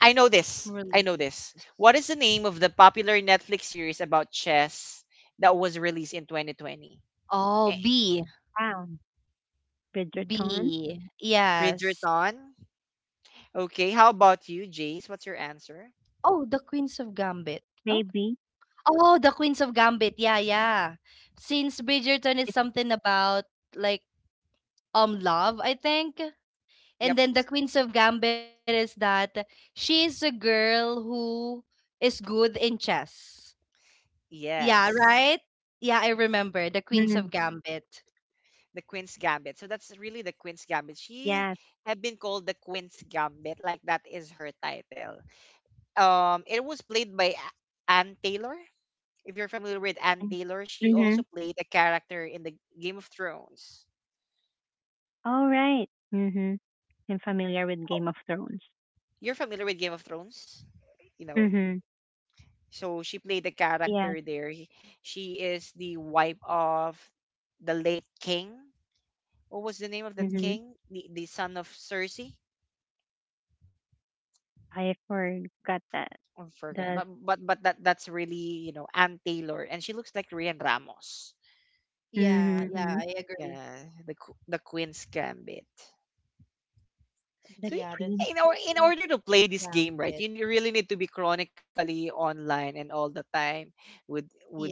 A: I know this.
B: really.
A: I know this. What is the name of the popular Netflix series about chess that was released in 2020?
B: Oh,
A: Eh,
B: B.
C: Brown, Bridgerton.
B: B. Yes.
A: Bridgerton. Okay, how about you, Jace? What's your answer?
B: Oh, the Queens of Gambit. Oh,
C: Maybe
B: oh, the Queens of Gambit. Yeah, yeah. Since Bridgerton is
C: it's
B: something about like love, I think. And
A: Yep.
B: then the Queens of Gambit is that she is a girl who is good in chess. Yeah,
A: Yes.
B: right? Yeah, I remember the Queens of
C: mm,
B: Gambit.
A: The Queen's Gambit. So that's really the Queen's Gambit. She
C: yes.
A: had been called the Queen's Gambit, like that is her title. It was played by Anne Taylor. If you're familiar with Anne Taylor, she
C: Mm-hmm.
A: also played a character in the Game of Thrones.
C: All right. Mm-hmm. I'm familiar with
A: Oh,
C: Game of Thrones.
A: you're familiar with Game of Thrones? You know,
C: Mm-hmm.
A: so she played the
C: Yes.
A: character there. She is the wife of the late king. What was the name of that
C: Mm-hmm.
A: king? The son of Cersei?
C: I forgot that.
A: I forgot.
C: The
A: But, but that that's really, you know, Anne Taylor and she looks like Rian Ramos.
B: Yeah, yeah,
C: mm-hmm.
B: I agree.
A: Yeah, the Queen's Gambit. So
C: The
B: Yeah, that's
C: Queen.
A: in or in
B: Queen's
A: order to play this
B: Gambit.
A: game right, you really need to be chronically online and all the time would
B: Yeah.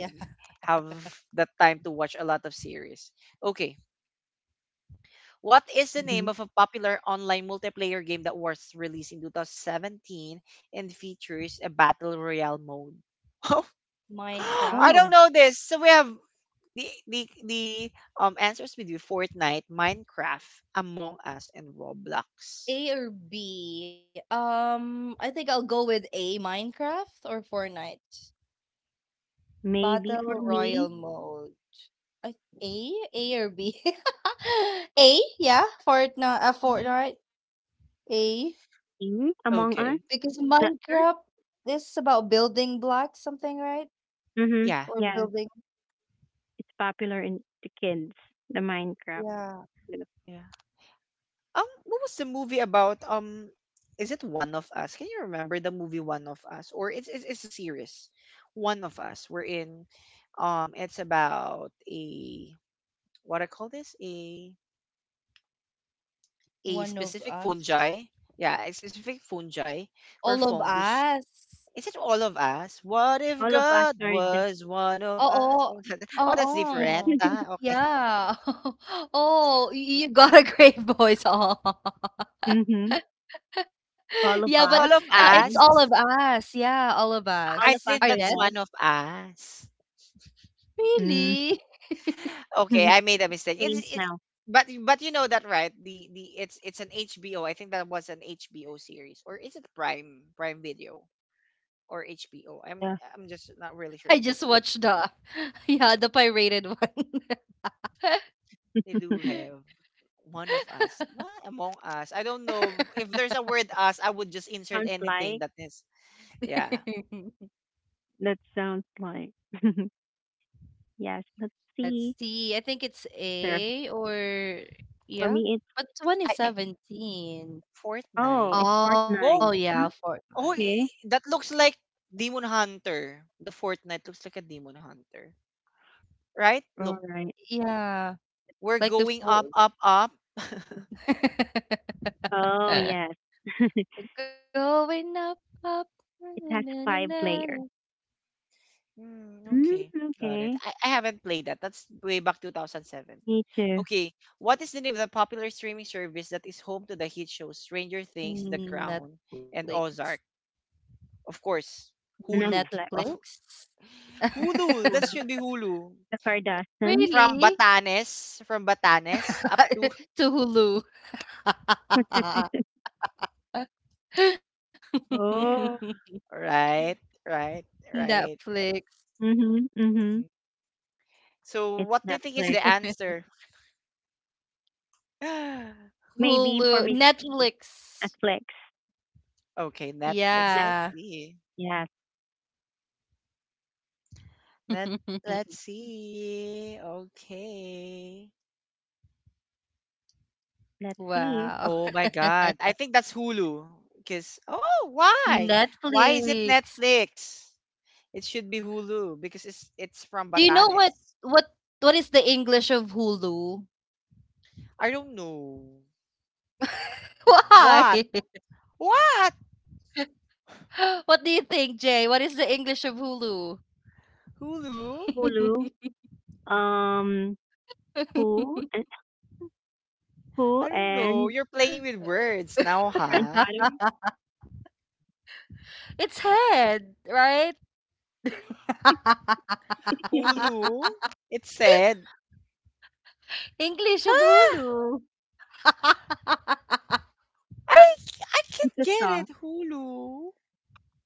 A: have that time to watch a lot of series. Okay, what is the name
C: Mm-hmm.
A: of a popular online multiplayer game that was released in 2017 and features a battle royale mode? Oh,
B: Minecraft?
A: I don't
C: Oh,
A: know this. So we have the answers with you Fortnite, Minecraft, Among Us, and Roblox.
B: A or B? I think I'll go with A, Minecraft or Fortnite.
C: maybe for
B: Battle
C: me,
B: Royal mode. I A? A or B? A, yeah. Fortnite,
A: Hmm.
B: Fortnite. A.
C: King Among Us.
B: Because
A: Okay.
C: Not
B: Minecraft
C: sure.
B: is about building blocks, something, right?
C: Mm-hmm.
A: Yeah.
B: Or
C: Yes,
B: building,
C: it's popular in the kids. The Minecraft.
B: yeah.
A: Yeah. What was the movie about? Is it One of Us? Can you remember the movie One of Us? Or it's a series, One of Us. We're in. It's about a what I call this a
B: One of
A: specific
B: us.
A: fungi. Yeah, a specific fungi
B: All of
A: or
B: us.
A: fungus. Is it all of us? What if
C: All of us
A: God
C: are dead.
A: was one of us?
B: Oo.
A: Oh, that, oh
B: Oo.
A: that's different. Ah, okay.
B: Yeah. Oh, you got a great voice. Aw.
C: Hmm.
B: Yeah,
C: All of
B: but,
A: Is it
C: us
A: all of
C: are
B: it's all
C: dead.
A: us?
B: of us. Yeah, all of
C: All
A: I
B: us
C: of
B: are
C: us
A: think
C: are
B: dead?
A: that's one
C: dead.
A: of us.
C: Mm.
B: Really?
A: Okay, I made a mistake.
C: Saints now.
A: But you know that right? The It's an HBO. I think that was an HBO series, or is it Prime Video or HBO? I'm
C: Yeah,
A: I'm just not really sure
B: I
A: if
B: just
A: it's
B: watched
A: HBO.
B: the yeah, the pirated one.
A: They do have one of us, what among us. I don't know if there's a word us. I would just insert
C: sounds
A: anything
C: like,
A: that is. Yeah,
C: that sounds like. Yes, let's
B: Let's
C: see.
B: see. I think it's
C: Sir,
B: A or
C: for
B: yeah.
C: me, it's,
B: But one is
A: I
B: 17.
C: oh,
A: Fortnite.
C: it's
B: Oh, yeah,
A: Oh
C: Fortnite. Hmm,
B: Fortnite.
A: oh,
C: okay.
A: that looks like Demon Hunter. The Fortnite looks like a Demon Hunter, right?
C: All right.
B: Yeah,
A: We're
B: like the
A: going up,
B: full.
A: up, up.
C: Oh,
B: We're
C: yes.
B: going up, up.
C: It has five
B: Na-na-na-na.
C: players.
A: Hmm,
C: Mm,
A: okay, got it.
C: okay.
A: I haven't played that. That's way back 2017.
C: Me too.
A: Okay, what is the name of the popular streaming service that is home to the hit shows Stranger Things, The Crown, and
B: Netflix.
A: Ozark? Of course, Hulu.
C: Netflix,
A: Wow.
B: Netflix?
A: Hulu, that
C: Hulu,
A: should be Hulu.
C: the Kardashians.
B: Really?
A: From Batanes up to
B: To Hulu.
C: Oh.
A: right, right, right.
B: Netflix.
C: Mm-hmm, mm-hmm.
A: Mhm. So
C: It's
A: what do you think is
C: Netflix.
A: the answer? okay,
C: Maybe for
B: Hulu.
C: Miss T,
B: Netflix.
C: Netflix.
B: Yeah.
A: Netflix.
C: Net,
A: Let's see.
C: yes.
A: Let let's see. Okay.
C: Let's see.
B: Wow.
A: Oh my God. I think that's Hulu. Because oh, why? Why is it
B: Netflix.
A: Netflix? It should be Hulu because it's from
B: Do you know
A: Batanes.
B: what what is the English of Hulu?
A: I don't know.
B: Why?
A: What? What?
B: What do you think, Jay? What is the English of Hulu?
A: Hulu?
C: Hulu. Um, who and who
A: I don't know.
C: and
A: You're playing with words now, huh?
C: Grandfather.
B: It's head, right?
A: Hulu? It said.
B: English of
A: Huh?
B: Hulu.
A: I
C: It's
A: can't
C: a
A: get it.
C: song.
A: Hulu.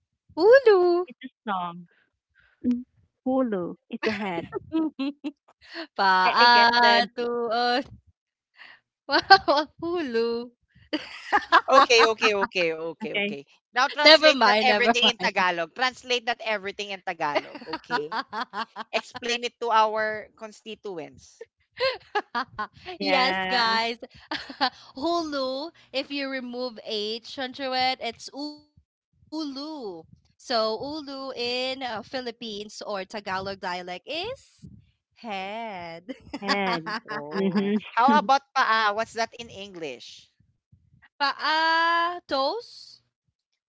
B: Hulu.
C: It's a song. Mm. Hulu. It's a head. I get
B: Paa
C: the
B: to Hulu.
C: okay.
A: Okay. Now
B: Never
A: translate
B: mind,
A: that
B: never mind.
A: everything in Tagalog. Translate that everything in Tagalog, okay? Explain it to our constituents.
B: Yes,
C: Yeah.
B: guys. Hulu, if you remove H under it, it's Ulu. So, Ulu in Philippines or Tagalog dialect is head.
C: Head.
A: All right.
C: Hmm.
A: How about paa? What's that in English?
B: Paa, toes?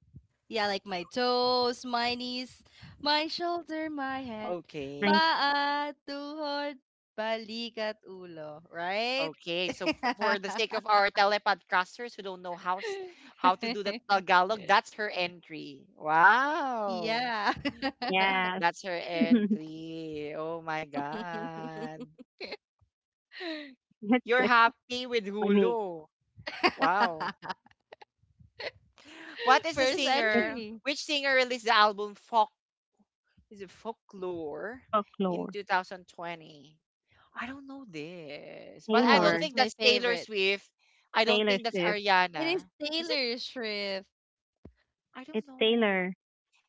B: Yeah, like my toes, my knees, my shoulder, my head,
C: My
A: Okay.
B: paa, tuhod, balikat, ulo, right?
A: Okay, so for the sake of our telepodcasters who don't know how to do the Tagalog, that's her entry.
B: yeah.
A: Wow.
C: yes.
A: That's her entry. Oh my god.
C: That's
A: You're
C: the
A: happy with
C: company.
A: Hulu. Wow. What is
B: First
A: the
C: That's
B: entry.
A: singer? Which singer released the album Folk, is it Folklore, in
C: folklore.
A: 2020? I don't know this, but I
B: Oh,
A: don't
C: Taylor.
B: that's
A: think
B: my
A: that's Taylor
B: favorite.
A: Swift. I don't
C: Taylor
A: think that's
C: Swift.
B: It is
A: Ariana. Is it?
B: Taylor Swift.
A: I don't
C: It's
A: know.
C: Taylor.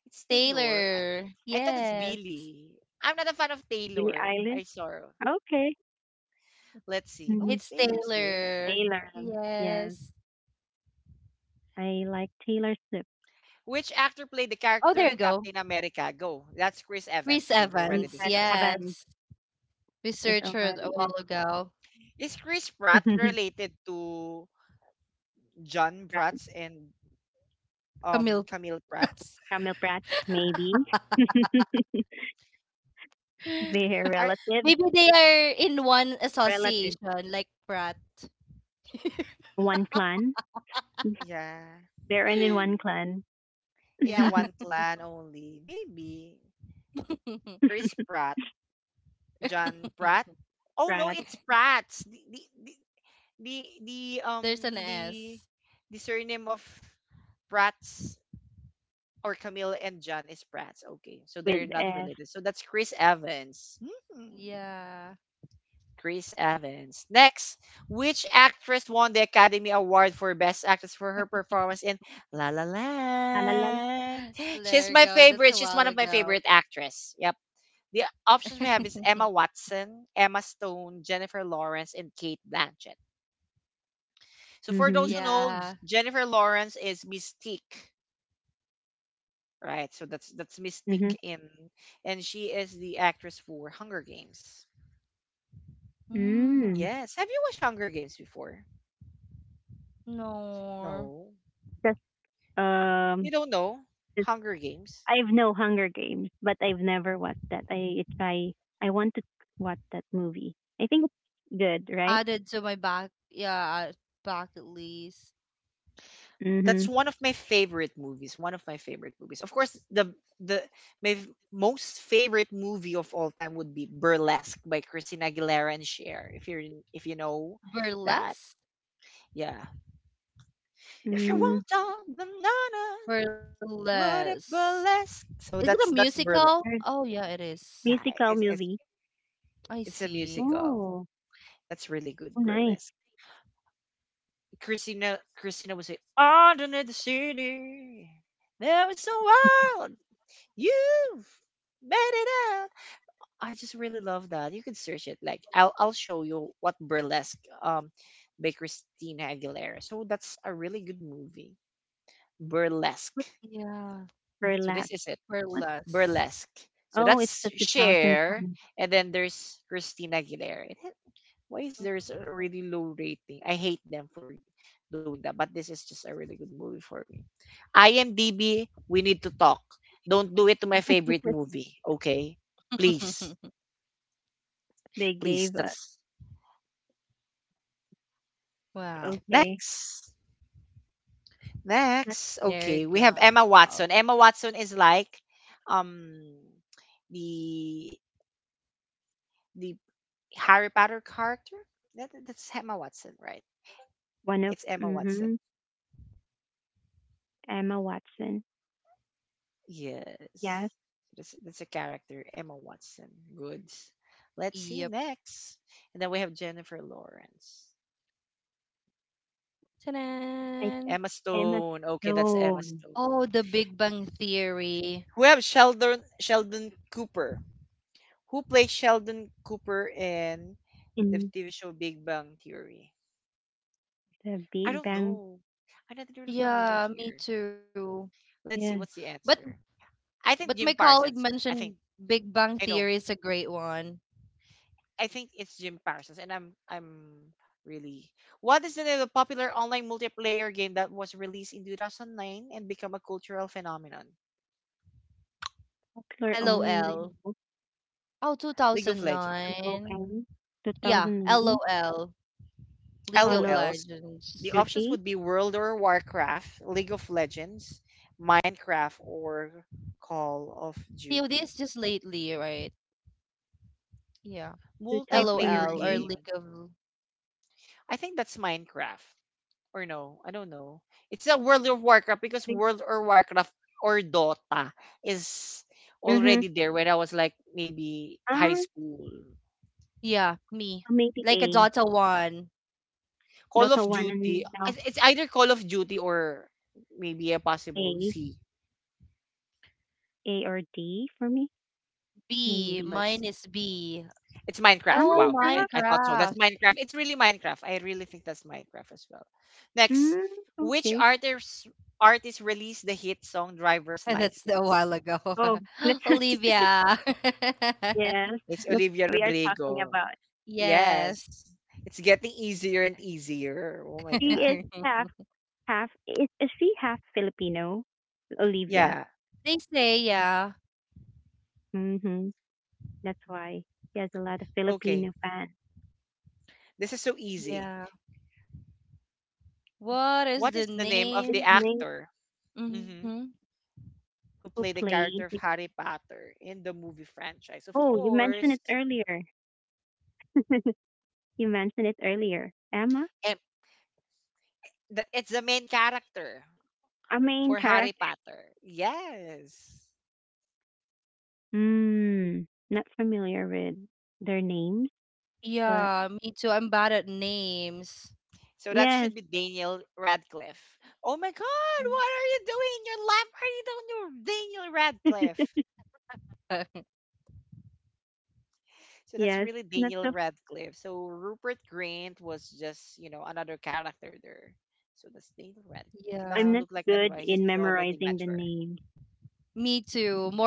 A: It's Taylor.
B: Taylor.
A: I thought it's
B: Yes.
A: Billy. I'm not a fan of
C: Billie
A: Taylor. I
C: Eilish.
A: saw.
C: Okay.
A: Let's see. Oh,
C: Hmm.
A: it's
B: It's
A: Taylor Swift.
B: Taylor.
C: Taylor. Yes,
B: Yes.
C: I like Taylor Swift.
A: Which actor played the
B: Oh, there you
A: character of
B: go.
A: Captain America? Go. That's Chris
B: Chris
A: Evans. We've already
C: Mm,
B: Evans.
C: I
A: discussed that.
C: haven't.
B: Yes. We
C: It
B: searched her a
C: already
B: while
C: ends.
B: ago.
A: Is Chris Pratt related to John
C: Brat,
A: Bratz and
B: Camille
A: Camille
B: Pratt.
A: Bratz
C: Camel Brats, maybe. They're
A: are
B: Maybe
C: relatives.
B: they are in one
C: Relatives.
B: association, like Pratt.
C: One clan.
A: yeah
C: They're in one clan.
B: yeah.
A: in a one clan only. Maybe Chris Pratt, John Pratt. Oh no,
C: Brats
A: it's Pratts. The, the
B: There's an
A: um the
B: S.
A: the surname of Bratz or Camille and John is Bratz. Okay, so they're
C: with
A: not
C: F.
A: related. So that's Chris Evans. Hmm.
B: Yeah.
A: Chris Evans. Next, which actress won the Academy Award for Best Actress for her performance in La La
C: La la la la.
A: Land?
B: There you go.
A: She's my
B: That's a
A: favorite.
B: while
A: She's one of my
B: ago.
A: favorite actress. Yep. The options we have is Emma Watson, Emma Stone, Jennifer Lawrence, and Kate Blanchett. So for
C: Mm-hmm.
A: those who know,
B: yeah.
A: Jennifer Lawrence is Mystique, right? So that's
C: Hmm.
A: Mystique in, and she is the actress for Hunger Games.
B: Mm,
C: Mm.
A: Yes. Have you watched Hunger Games before?
B: no.
A: No.
C: Just,
A: You
C: um,
A: don't know
C: just,
A: Hunger Games?
C: I've no Hunger Games, but I've never watched that. I try, I want to watch that movie. I think it's good, right?
B: Added to my back yeah bucket list.
C: Mm-hmm.
A: That's one of my favorite movies. One of my favorite movies. Of course, the most favorite movie of all time would be Burlesque by Christina Aguilera and Cher. If you know that,
B: Burlesque?
A: yeah. If you
C: Mm.
A: want on the nana, what a
B: Burlesque.
A: burlesque.
B: Is it
A: So
B: a
A: that's
B: musical?
A: burlesque.
B: Oh, yeah, it is.
A: Yeah, i-
C: Musical
A: it's it's
C: movie.
B: I
A: it's a
B: see.
A: musical.
C: Oh,
A: That's really good
C: oh, nice.
A: burlesque. Christina would say, "Underneath the city, there was so wild." You've made it out. I just really love that. You can search it. Like I'll show you what burlesque by Christina Aguilera. So that's a really good movie. Burlesque.
C: What's
B: Yeah.
C: her
A: So
C: last?
A: this is it.
C: What?
B: Burlesque.
A: Burlesque. So
C: Oh, it's
A: that's
C: the
A: Cher,
C: 2010
A: and then there's Christina Aguilera. Why is there's a really low rating? I hate them for doing that, but this is just a really good movie for me. IMDb, we need to talk. Don't do it to my favorite movie, okay? Please,
C: they
A: please.
C: gave us.
A: That's
B: Wow.
C: Okay,
A: next.
C: that's
A: Next, okay,
B: There you
A: we have Emma
B: go.
A: Watson. Emma Watson is like, um, the the Harry Potter character. That's Emma Watson, right?
C: one of
A: It's Emma
C: mm-hmm,
A: Watson.
C: Emma Watson.
A: Yes.
C: Yes,
A: That's a character, Emma Watson. Goods. Let's see
B: Yep.
A: next. And then we have Jennifer Lawrence.
B: Ta-da.
C: I
A: Emma
C: Emma
A: Stone. Okay, that's Emma
C: Stone
B: Oh,
A: Stone.
B: The Big Bang Theory.
A: We have Sheldon Cooper. Who plays Sheldon Cooper in the
C: in
A: TV show Big Bang Theory?
C: The
A: I
C: Big
A: don't
C: Bang.
A: know. I'm not really familiar
B: Yeah, me
A: here.
B: too.
A: Let's see
C: Yeah,
A: what's the
B: But
A: answer. I
B: but
A: think
B: my
A: Jim
B: colleague
A: Parsons. I
B: mentioned
A: think
B: Big Bang
A: I know.
B: Theory is a great one.
A: I think it's Jim Parsons, and I'm really. What is the name of the popular online multiplayer game that was released in 2009 and become a cultural phenomenon?
C: popular
B: LOL.
C: online book.
B: Oh,
A: League of Legends.
B: 2009.
C: LOL.
B: Yeah,
C: 2009.
B: LOL. League
C: Call
B: of
C: of
A: LOLs. The
B: Legends.
A: options
C: Duty.
A: would be World or Warcraft, League of Legends, Minecraft, or Call of
B: COD this just
A: Duty.
B: lately, right? Yeah. LOL
A: Multiplayer
B: or
C: 2009.
B: League
A: game.
B: of
A: I think that's Minecraft. Or no, I don't know. It's a World of Warcraft because World of Warcraft or Dota is
C: Mm-hmm.
A: already there when I was like maybe high
C: Ah,
A: school.
B: Yeah, me.
C: maybe
B: Like a
C: A.
B: Dota 1.
A: Call of
C: Dota 1
A: Duty,
C: and now
A: it's either Call of Duty or maybe a possible
C: A.
A: C.
C: A or D for me.
B: B, mine
C: Maybe.
B: is
A: That's
B: B.
A: It's
C: Ah,
A: Minecraft.
B: Oh,
A: Wow, I,
C: Minecraft?
A: I thought so. That's
B: Minecraft.
A: Minecraft. It's really Minecraft. I really think that's Minecraft as well. Next,
C: Mm,
A: which
C: okay.
A: artist released the hit song "Driver's
B: That's a while
A: License"?
B: ago.
C: Oh, that's
B: Olivia.
C: yes.
A: It's
C: That's
A: Olivia
C: we are talking
A: Rodrigo.
C: about.
A: Yes.
B: Yes.
A: It's getting easier and easier. Oh my
C: She
A: God.
C: is half, half. Is she half Filipino, Olivia?
A: Yeah.
B: They say, yeah.
C: Mm-hmm. That's why she has a lot of
A: Okay.
C: Filipino fans.
A: This is so easy.
B: Yeah. What is
A: What is
B: the
A: the name of the
C: It's
B: name?
C: Ning
A: actor,
B: Mm-hmm.
A: mhm, who
C: who
A: played the character
C: played.
A: of Harry Potter in the movie franchise? Of
C: Oh, you mentioned
A: course.
C: it earlier. You mentioned it earlier. Emma,
A: Em- It's the main character
C: a main
A: for Harry
C: character.
A: Potter. Yes.
C: Hmm. Not familiar with their names, but
B: Yeah, me too. I'm bad at names.
A: So that should
C: yes,
A: be Daniel Radcliffe. Oh my God.
B: Mm.
A: What are you doing in your life? Are you doing your Daniel Radcliffe? So that's
C: yes.
A: really
C: Not
A: Daniel
C: so
A: Radcliffe. So Rupert Grint was just another character there. So that's Daniel Radcliffe. He doesn't
C: I'm
B: Yeah.
C: not
A: look like that,
C: good
A: but he's
C: in
A: already
C: memorizing the
A: mature.
C: names.
B: Me too. More of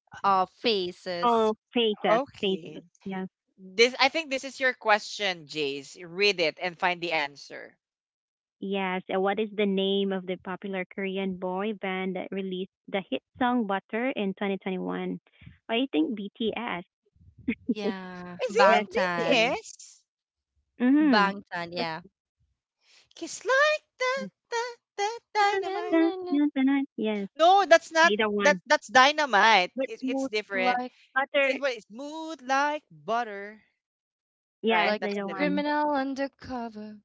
B: faces.
C: Oh, faces,
A: Okay.
C: faces. Yes.
A: This I think this is your question, Jace. Read it and find the answer.
C: Yes. And what is the name of the popular Korean boy band that released the hit song Butter in 2021? I think BTS.
B: Yeah.
A: Is it
C: Yes. It was,
B: Bangtan.
A: BTS?
C: mm-hmm.
B: Bangtan,
C: That's,
B: yeah.
A: Kiss like that,
C: yes.
A: that, that
C: Dun, dun,
B: Na,
A: dynamite.
B: na,
C: dun,
B: na.
C: dun, dun. Yes.
A: No, that's not
C: They the
A: that,
C: one.
A: that's dynamite.
B: It's
C: But
A: It,
B: more
A: it's different. It
C: Butter,
A: was smooth like butter, right?
C: yes,
B: like
C: they
B: a
A: That's
C: the
A: the
C: one.
B: criminal undercover.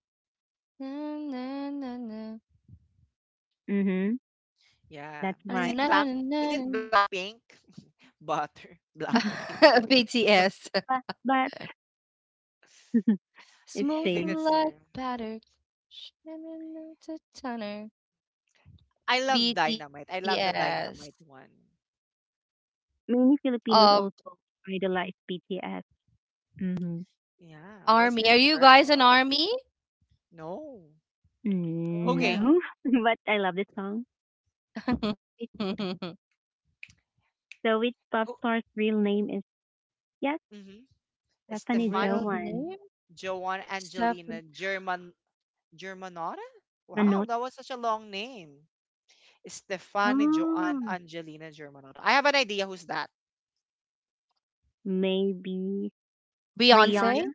B: Na na na na,
C: Mm-hmm.
A: Yeah.
B: ah,
C: That's
B: na
A: Is
C: right.
B: na
A: it black?
B: na na na.
A: Is it Blackpink? Butter. Blackpink.
B: BTS.
C: But it's
A: I think
C: strange.
B: Smooth
A: that's zero.
B: like butter. Shanana to Tanner.
A: I love Dynamite. I love the
B: BTS
A: Dynamite one.
C: Many Filipinos
B: of
C: also idolize BTS. Mm-hmm.
A: Yeah. Why is it not
B: Army. Are you guys an
A: purple?
B: Army?
A: No.
C: Mm,
A: Okay.
B: Mm.
C: no, but I love this song. It's so it's pop
A: Who
C: star's real name is yes,
A: hmm
C: Stephanie
B: Real
A: Stefani,
C: Joan
B: name?
A: Joanne, Angelina,
B: Stefan.
A: Germanotta? Wow,
C: Manot.
A: that was such a long name. Stefani, Joanne,
C: Oh,
A: Angelina, Germanotta. I have an idea who's
C: maybe
A: that.
B: Beyonce?
C: Rihanna.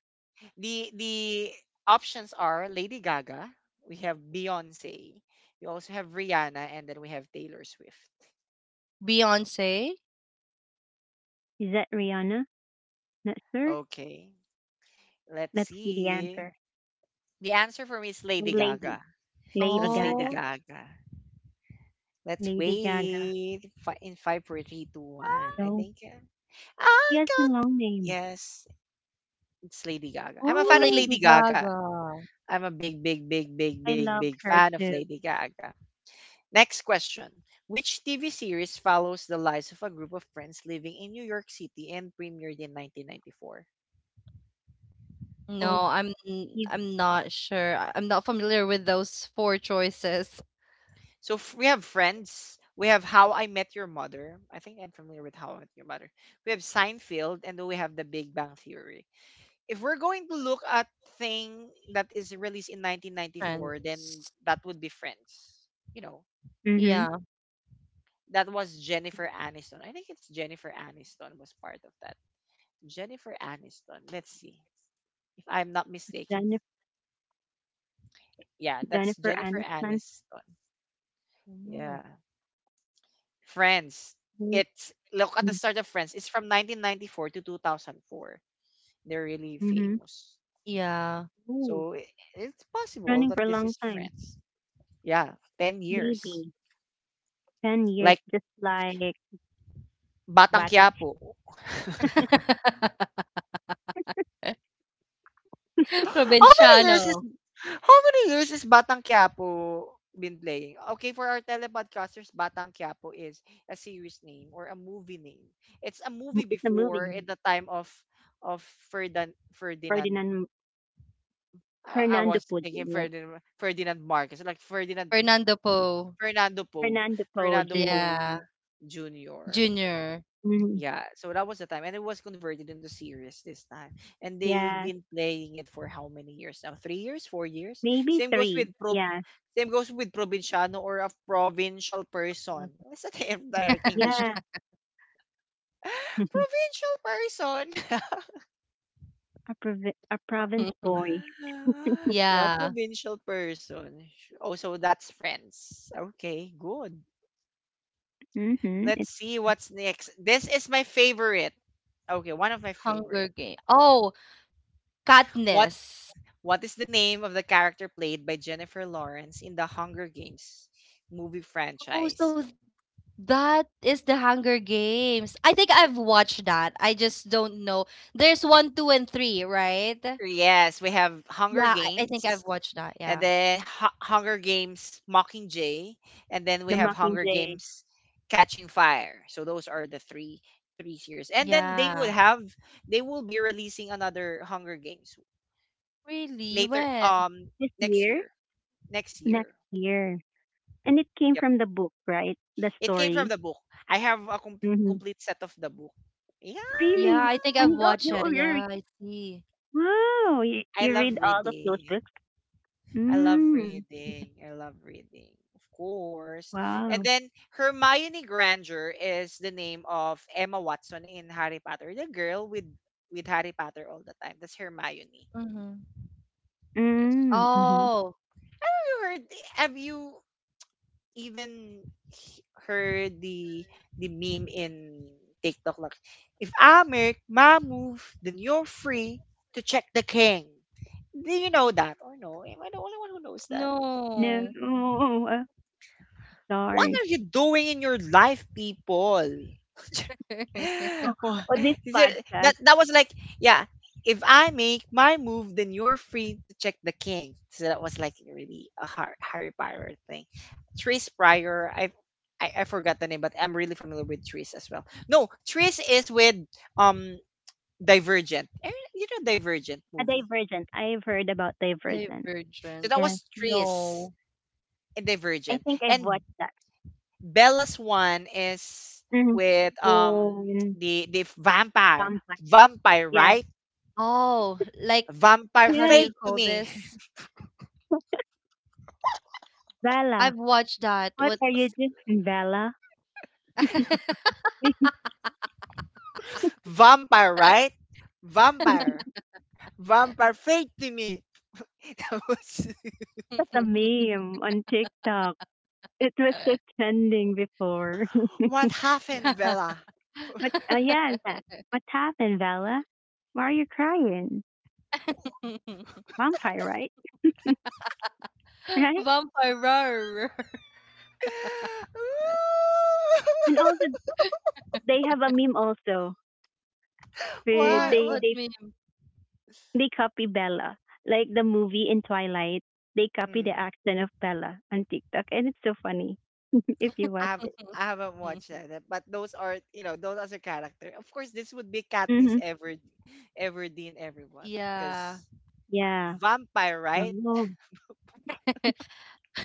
A: The options are Lady Gaga, we have Beyonce, we also have Rihanna, and then we have Taylor Swift.
B: Beyonce?
C: Is that Rihanna? Not sure.
A: Okay, let's
C: Let's see the
A: see.
C: answer.
A: The answer for me is Lady
C: Lady,
A: Gaga. So
C: Lady
A: that's
C: Gaga,
A: Lady
B: Oh,
A: Gaga. Let's
C: Lady Gaga.
A: wait in five, four, three, two, one. I
C: So
A: think.
C: she
A: I
C: has a
A: got,
C: long name.
A: yes, it's Lady Gaga. I'm a
B: Oh,
A: fan of
C: Oh,
B: Lady
A: Lady Gaga.
B: Gaga.
A: I'm a big, big, big, big,
C: I
A: big,
C: loved
A: big
C: her
A: fan of
C: too.
A: Lady Gaga. Next question. Which TV series follows the lives of a group of friends living in New York City and premiered in 1994?
B: No,
C: Okay.
B: I'm not sure. I'm not familiar with those four choices.
A: So we have Friends, we have How I Met Your Mother. I think I'm familiar with How I Met Your Mother. We have Seinfeld, and then we have The Big Bang Theory. If we're going to look at thing that is released in 1994, then
B: Friends.
A: that would be Friends. You know,
C: Mm-hmm.
B: Yeah.
A: that was Jennifer Aniston. I think it's Jennifer Aniston was part of that. Jennifer Aniston. Let's see if I'm not mistaken.
C: Jennifer,
A: Yeah, that's
C: Jennifer
A: Jennifer
C: Aniston.
A: Aniston. Yeah.
B: Mm.
A: Friends. It's Look at the start
C: Mm-hmm.
A: of Friends. It's from 1994 to 2004. They're really famous.
B: Yeah.
A: So it's possible
C: Running
A: that
C: for a
A: this is
C: long time.
A: Friends. Yeah, 10 years.
C: Maybe. 10 years
A: Like
C: just like
A: Batang
C: Bata.
A: Quiapo. How many years is
B: Provinciano.
A: how many years is Batang Quiapo been playing? Okay, for our telepodcasters, Batang Quiapo is a series name or a movie name. It's a movie
C: It's a
A: before in
C: movie.
A: the time of of Ferdinand.
C: Ferdinand
A: I
C: Fernando
A: was
C: Po
A: thinking
C: Jr.
A: Ferdinand Marcos, like Ferdinand
B: Fernando Poe.
A: Fernando Poe,
C: Fernando Po
A: Fernando
C: junior.
B: Yeah.
A: Poe Jr.
B: Junior.
C: Mhm.
A: Yeah, so that was the time, and it was converted into series this time. And they've
C: Yeah.
A: been playing it for how many years now? 3 years, 4 years.
C: Maybe
A: Same goes with
C: three.
A: pro.
C: Yeah.
A: Same goes with provinciano or a provincial person. What's that in direct English?
C: Yeah.
A: Provincial person.
C: A, a province boy.
A: Yeah,
B: Yeah.
A: provincial person. Oh, so that's Friends. Okay, good.
C: Mm-hmm.
A: Let's
C: It's
A: see what's next. This is my favorite. Okay, one of my
B: Hunger
A: favorite.
B: Game. Oh,
A: What
B: Katniss.
A: What is the name of the character played by Jennifer Lawrence in the Hunger Games movie
B: Oh,
A: franchise?
B: so th- that is the Hunger Games. I think I've watched that. I just don't know. There's one, two, and three, right?
A: Yes, we have Hunger
B: Yeah, I think
A: Games,
B: I've watched that.
A: and
B: Yeah.
A: then Hunger Games Mockingjay, and then we
C: The
A: have Hunger
C: Mockingjay.
A: Games Catching Fire. So those are the three series. And then they would
B: Yeah.
A: have they will be releasing another Hunger Games
B: Really?
A: later
B: When?
C: This
A: next
C: year?
A: year. Next year.
C: Next year. And it came
A: Yep.
C: from the book, right? The
A: It came from
C: story.
A: the book. I have a
C: Mm-hmm.
A: complete set of the book. Yeah.
B: Yeah,
C: Really?
B: I think
C: And
B: I've
C: you,
B: watched
C: you
B: it.
C: already,
B: Yeah, I see.
C: wow, you,
A: I
C: you
A: love
C: read all of those
A: reading.
C: books?
A: I love
C: Mm,
A: reading. I love reading. Of course. And
C: wow.
A: then Hermione Granger is the name of Emma Watson in Harry Potter. The girl with Harry Potter all the time. That's Hermione.
B: Mm-hmm.
A: Yes.
C: Mm, hmm,
B: Oh,
A: Have you heard have you even h- Heard the meme in TikTok, like if I make my move, then you're free to check the king. Do you know that or no? Am I the only one who knows that?
C: no,
B: no.
C: oh,
A: What
C: sorry.
A: are you doing in your life, people?
C: Oh,
A: Wha-
C: oh, this
A: Is it-
C: podcast,
A: that that was like, yeah. If I make my move, then you're free to check the king. So that was like really a Harry Potter thing. Tris Pryor, I forgot the name, but I'm really familiar with Tris as well. No, Tris is with um Divergent. You know Divergent
C: a
A: movie.
C: Divergent. I've heard about Divergent.
A: So that
B: Divergent.
C: Yes,
A: was Tris
B: No.
A: in
C: I
A: Divergent,
C: think I've
A: and
C: watched that.
A: Bella's one is
C: Hmm.
A: with um
C: In
A: the the vampire.
C: vampire.
A: Vampire,
C: Yes,
A: right?
B: Oh, like
A: Vampire
B: how do
C: yes,
B: you
A: fade to
B: call
A: me.
B: this?
C: Bella.
B: I've watched that.
C: What are you
B: What's
C: doing, Bella?
A: Vampire, right? Vampire. Vampire fade to me. That was
C: That's a meme on TikTok. It was so trending before.
A: what happened,
B: Yeah.
A: Bella?
C: What? Yeah, that. What happened, Bella? Why are you crying? Vampire, right? Right?
B: Vampire roar.
C: And also, they have a meme also. They
A: Why?
C: they
A: What?
B: What meme?
C: They copy Bella, like the movie in Twilight. They copy the
A: Mm,
C: accent of Bella on TikTok, and it's so funny if you
A: I
C: watch
A: have
C: it.
A: I haven't watched that, but those are those as a character. Of course, this would be Katniss
C: Hmm.
A: Everdeen, everyone, because
B: Yeah.
C: Yeah.
A: vampire, right?
C: Oh,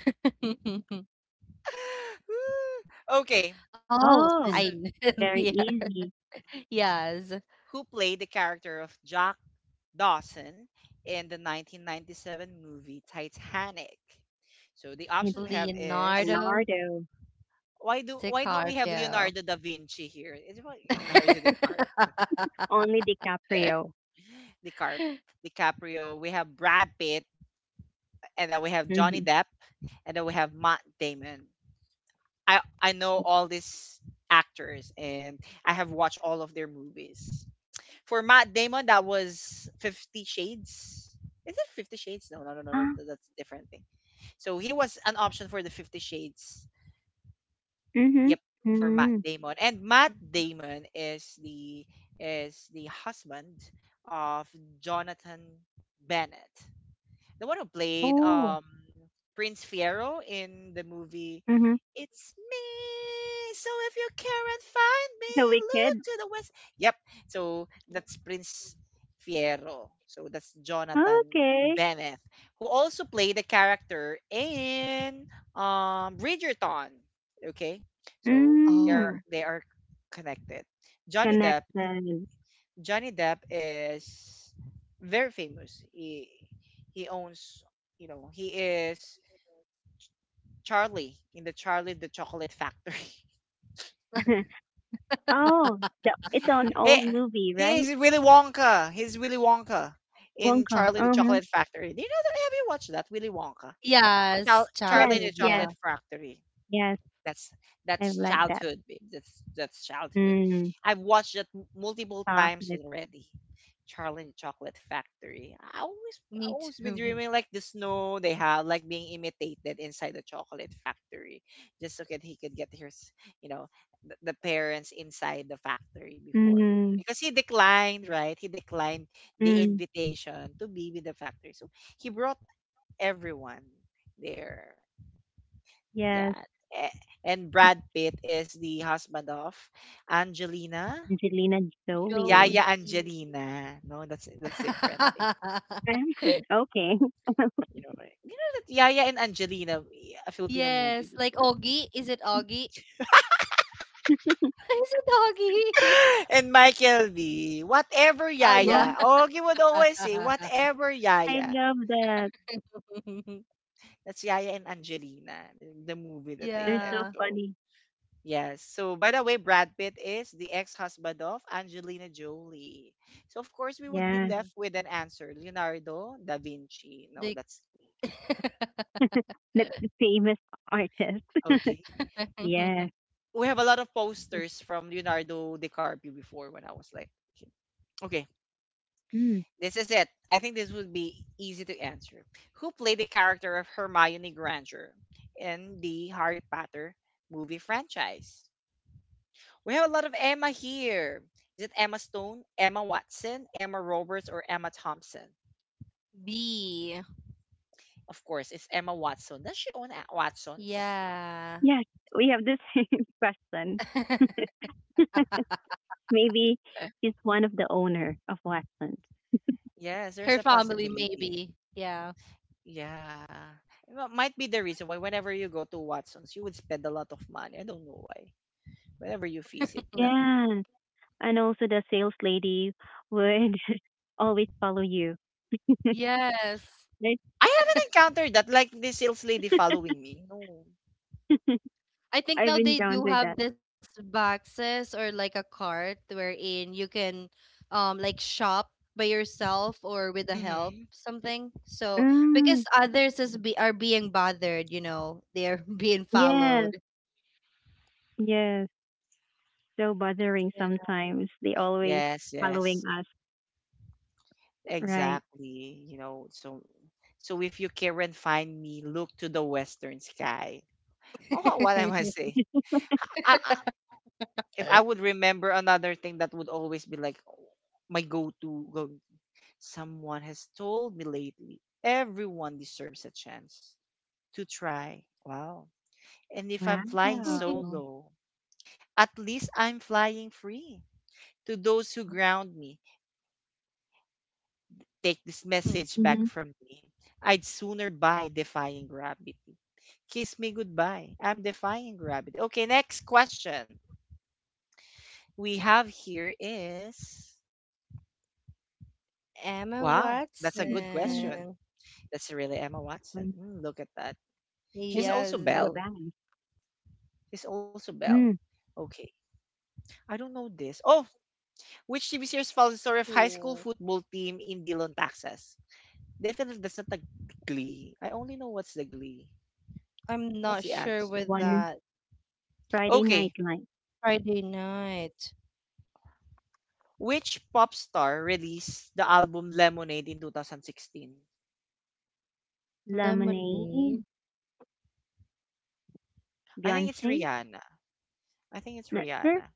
A: Woo. Okay,
B: Oh,
A: this
C: oh,
B: I
A: is
B: know.
C: very
B: yeah.
C: easy.
B: Yes,
A: who played the character of Jack Dawson in the 1997 movie Titanic? So the
C: It's
A: options we have is
B: Leonardo
C: Leonardo.
A: why don't we have
B: DiCaprio.
A: Leonardo da Vinci here? It's about Leonardo DiCaprio.
C: Only DiCaprio.
A: DiCap DiCaprio. We have Brad Pitt, and then we have Johnny
C: Mm-hmm.
A: Depp, and then we have Matt Damon. I know all these actors, and I have watched all of their movies. For Matt Damon, that was Fifty Shades. Is it Fifty Shades? No, no, no, no, no.
C: Ah,
A: That's a different thing. So he was an option for the Fifty Shades.
C: mm-hmm.
A: Yep, for Matt
C: Mm-hmm.
A: Damon. And Matt Damon is the husband of Jonathan Bennett, the one who played
C: Oh,
A: Prince Fiero in the movie
C: mm-hmm.
A: It's Me. So if you can't find me,
C: The
A: look
C: Wicked.
A: to the west. Yep. So that's Prince Fiero. So that's Jonathan
C: Okay.
A: Bennett, who also played the character in Bridgerton. Okay. So
B: Oh,
A: they're
C: Mm,
A: they are connected. Johnny Depp
C: connected.
A: Johnny Depp is very famous. He owns, he is Charlie in the Charlie and the Chocolate Factory.
C: Oh, the, it's an
A: he
C: old movie,
A: he
C: right?
A: is Willy Wonka. He's Willy Wonka in
C: Wonka.
A: Charlie and the
C: Uh huh.
A: Chocolate Factory. Do you know that? Have you watched that Willy Wonka?
B: yes,
A: Charlie
C: Yes,
A: and the
B: childhood,
C: yes,
B: yeah.
A: Chocolate Factory.
C: yes.
A: That's
C: I
A: that's
C: like that
A: childhood, babe. That's childhood.
C: mm
A: I've watched that multiple times
C: chocolate.
A: already. Charlie and the Chocolate Factory. I always I
B: Me
A: always been
B: too.
A: dreaming like the snow they have, like being imitated inside the chocolate factory, just so that he could get his, you know, the parents inside the factory before
C: Mm.
A: because he declined, right? He declined the
C: Mm.
A: invitation to be with the factory, so he brought everyone there.
C: Yes,
A: Yeah. Eh, And Brad Pitt is the husband of Angelina.
C: Angelina
B: Jolie.
A: Yaya
C: Jolie.
A: Angelina. No, that's different thing.
C: Okay.
A: You know, right? You know that Yaya and Angelina, a Filipino movie
B: Yes, like
A: before.
B: Augie. Is it Augie? Is it Augie?
A: And Michael B. Whatever
B: Oh, yeah.
C: Oh,
A: Yaya. Ogie would always say, whatever
C: I
A: Yaya.
C: love that.
A: That's Yaya and Angelina, the movie that they
C: They're
A: have.
C: so
B: Yeah.
A: So
C: funny.
A: yes. So, by the way, Brad Pitt is the ex-husband of Angelina Jolie. So, of course, we would be
C: Yeah,
B: Mm,
A: left with an answer, Leonardo da Vinci.
B: they
A: No, that's
C: that's the famous artist.
A: okay.
C: Yeah.
A: We have a lot of posters from Leonardo DiCaprio before when I was like, a kid. Okay,
C: Mm.
A: this is it. I think this would be easy to answer. Who played the character of Hermione Granger in the Harry Potter movie franchise? We have a lot of Emma here. Is it Emma Stone, Emma Watson, Emma Roberts, or Emma Thompson?
B: B.
A: Of course, it's Emma Watson. Does she own Watson's?
B: Yeah.
C: Yes, we have the same question. Maybe she's one of the owner of Westland.
A: Yes,
B: Her
A: there's a
B: family
A: possibility.
B: maybe. Yeah.
A: Yeah. Well, might be the reason why whenever you go to Watson's, you would spend a lot of money. I don't know why. Whenever you visit that.
C: Yeah, and also the sales lady would always follow you.
B: Yes.
C: Right?
A: I haven't encountered that, like this sales lady following me. No.
B: I think now
C: I've
B: they do
C: encountered
B: have
C: that.
B: this boxes or like a cart wherein you can like shop by yourself or with the help
A: Mm-hmm.
B: something. So
C: Mm,
B: because others is be are being bothered, you know, they are being
C: yes,
B: followed.
C: yes. So
B: Yeah.
C: bothering sometimes. They always
A: Yes,
C: following
A: yes.
C: us, right?
A: Exactly. So if you can find me, look to the western sky. Oh, what am I saying? I, I, if I would remember another thing that would always be like my someone has told me lately, everyone deserves a chance to try. Wow. And if I'm flying
B: Mm,
C: Wow.
B: Disney.
A: solo, at least I'm flying free. To those who ground me, take this message
C: Mm-hmm.
A: back from me. I'd sooner buy defying gravity. Kiss me goodbye. I'm defying gravity. Okay, next question we have here is,
B: Emma
A: wow, that's a good question.
B: Watson.
A: That's really Emma Watson. Look at that. She's also
B: Yes.
C: So
A: Belle.
C: bad.
A: She's also Belle.
C: Mm,
A: Okay. I don't know this. Oh, which TV series follows the story of high
B: School.
A: school football team in Dillon, Texas? Definitely that's not the Glee. I only know what's the Glee.
B: I'm
A: What's
B: not
A: the
B: sure
A: answer?
B: with
C: one
B: that.
C: Friday night
A: Okay,
C: light.
B: Friday night.
A: which pop star released the album Lemonade in 2016?
B: Lemonade.
C: Lemonade,
A: I think it's
C: Beyonce,
A: Rihanna. I think it's
C: not sure.
A: Rihanna.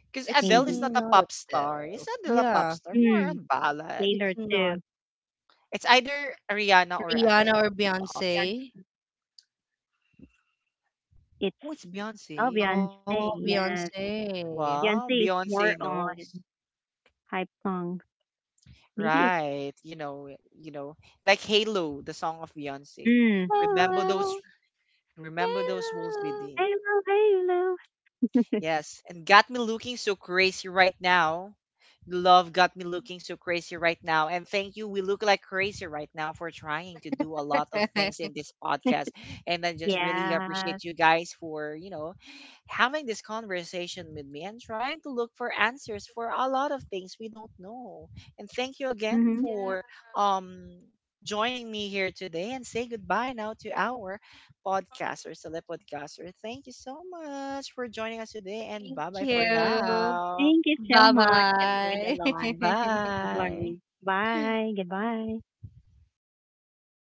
B: It's
A: Because Adele is
C: Maybe.
A: not
B: not
A: a
B: a
A: pop star. Is Adele a
B: yeah,
A: pop star? More a
C: Mm,
A: ballad.
B: it's
C: Taylor too.
B: not.
A: It's either Rihanna or
B: Rihanna
A: Adele.
B: or
A: The options.
C: Beyonce.
B: Beyonce?
C: It's,
A: Oh, it's
C: oh,
A: Beyonce.
C: Beyonce,
B: Oh,
C: yes.
B: Beyonce.
A: Wow,
C: Beyonce is
A: Beyonce
C: more
A: knows.
C: on hype song. Maybe it's,
A: Right. You know, like Halo, the song of Beyonce.
C: mm,
A: Remember those
B: Hello,
A: remember those walls we
B: hello.
A: did.
C: Halo, Halo.
A: Yes, and got me looking so crazy right now. Love got me looking so crazy right now. And thank you. We look like crazy right now for trying to do a lot of things in this podcast. And I
C: Yes.
A: just really
C: Yeah.
A: appreciate you guys for, having this conversation with me and trying to look for answers for a lot of things we don't know. And thank you again
C: Hmm.
B: Yeah.
A: for um joining me here today and say goodbye now to our podcaster, select podcaster. Thank you so much for joining us
B: Thank
A: today and bye bye for
B: you.
A: now.
C: Thank you
B: Bye
C: so much. I've learned
B: bye.
C: a lot. I've
A: Bye.
C: learned. Bye. Goodbye.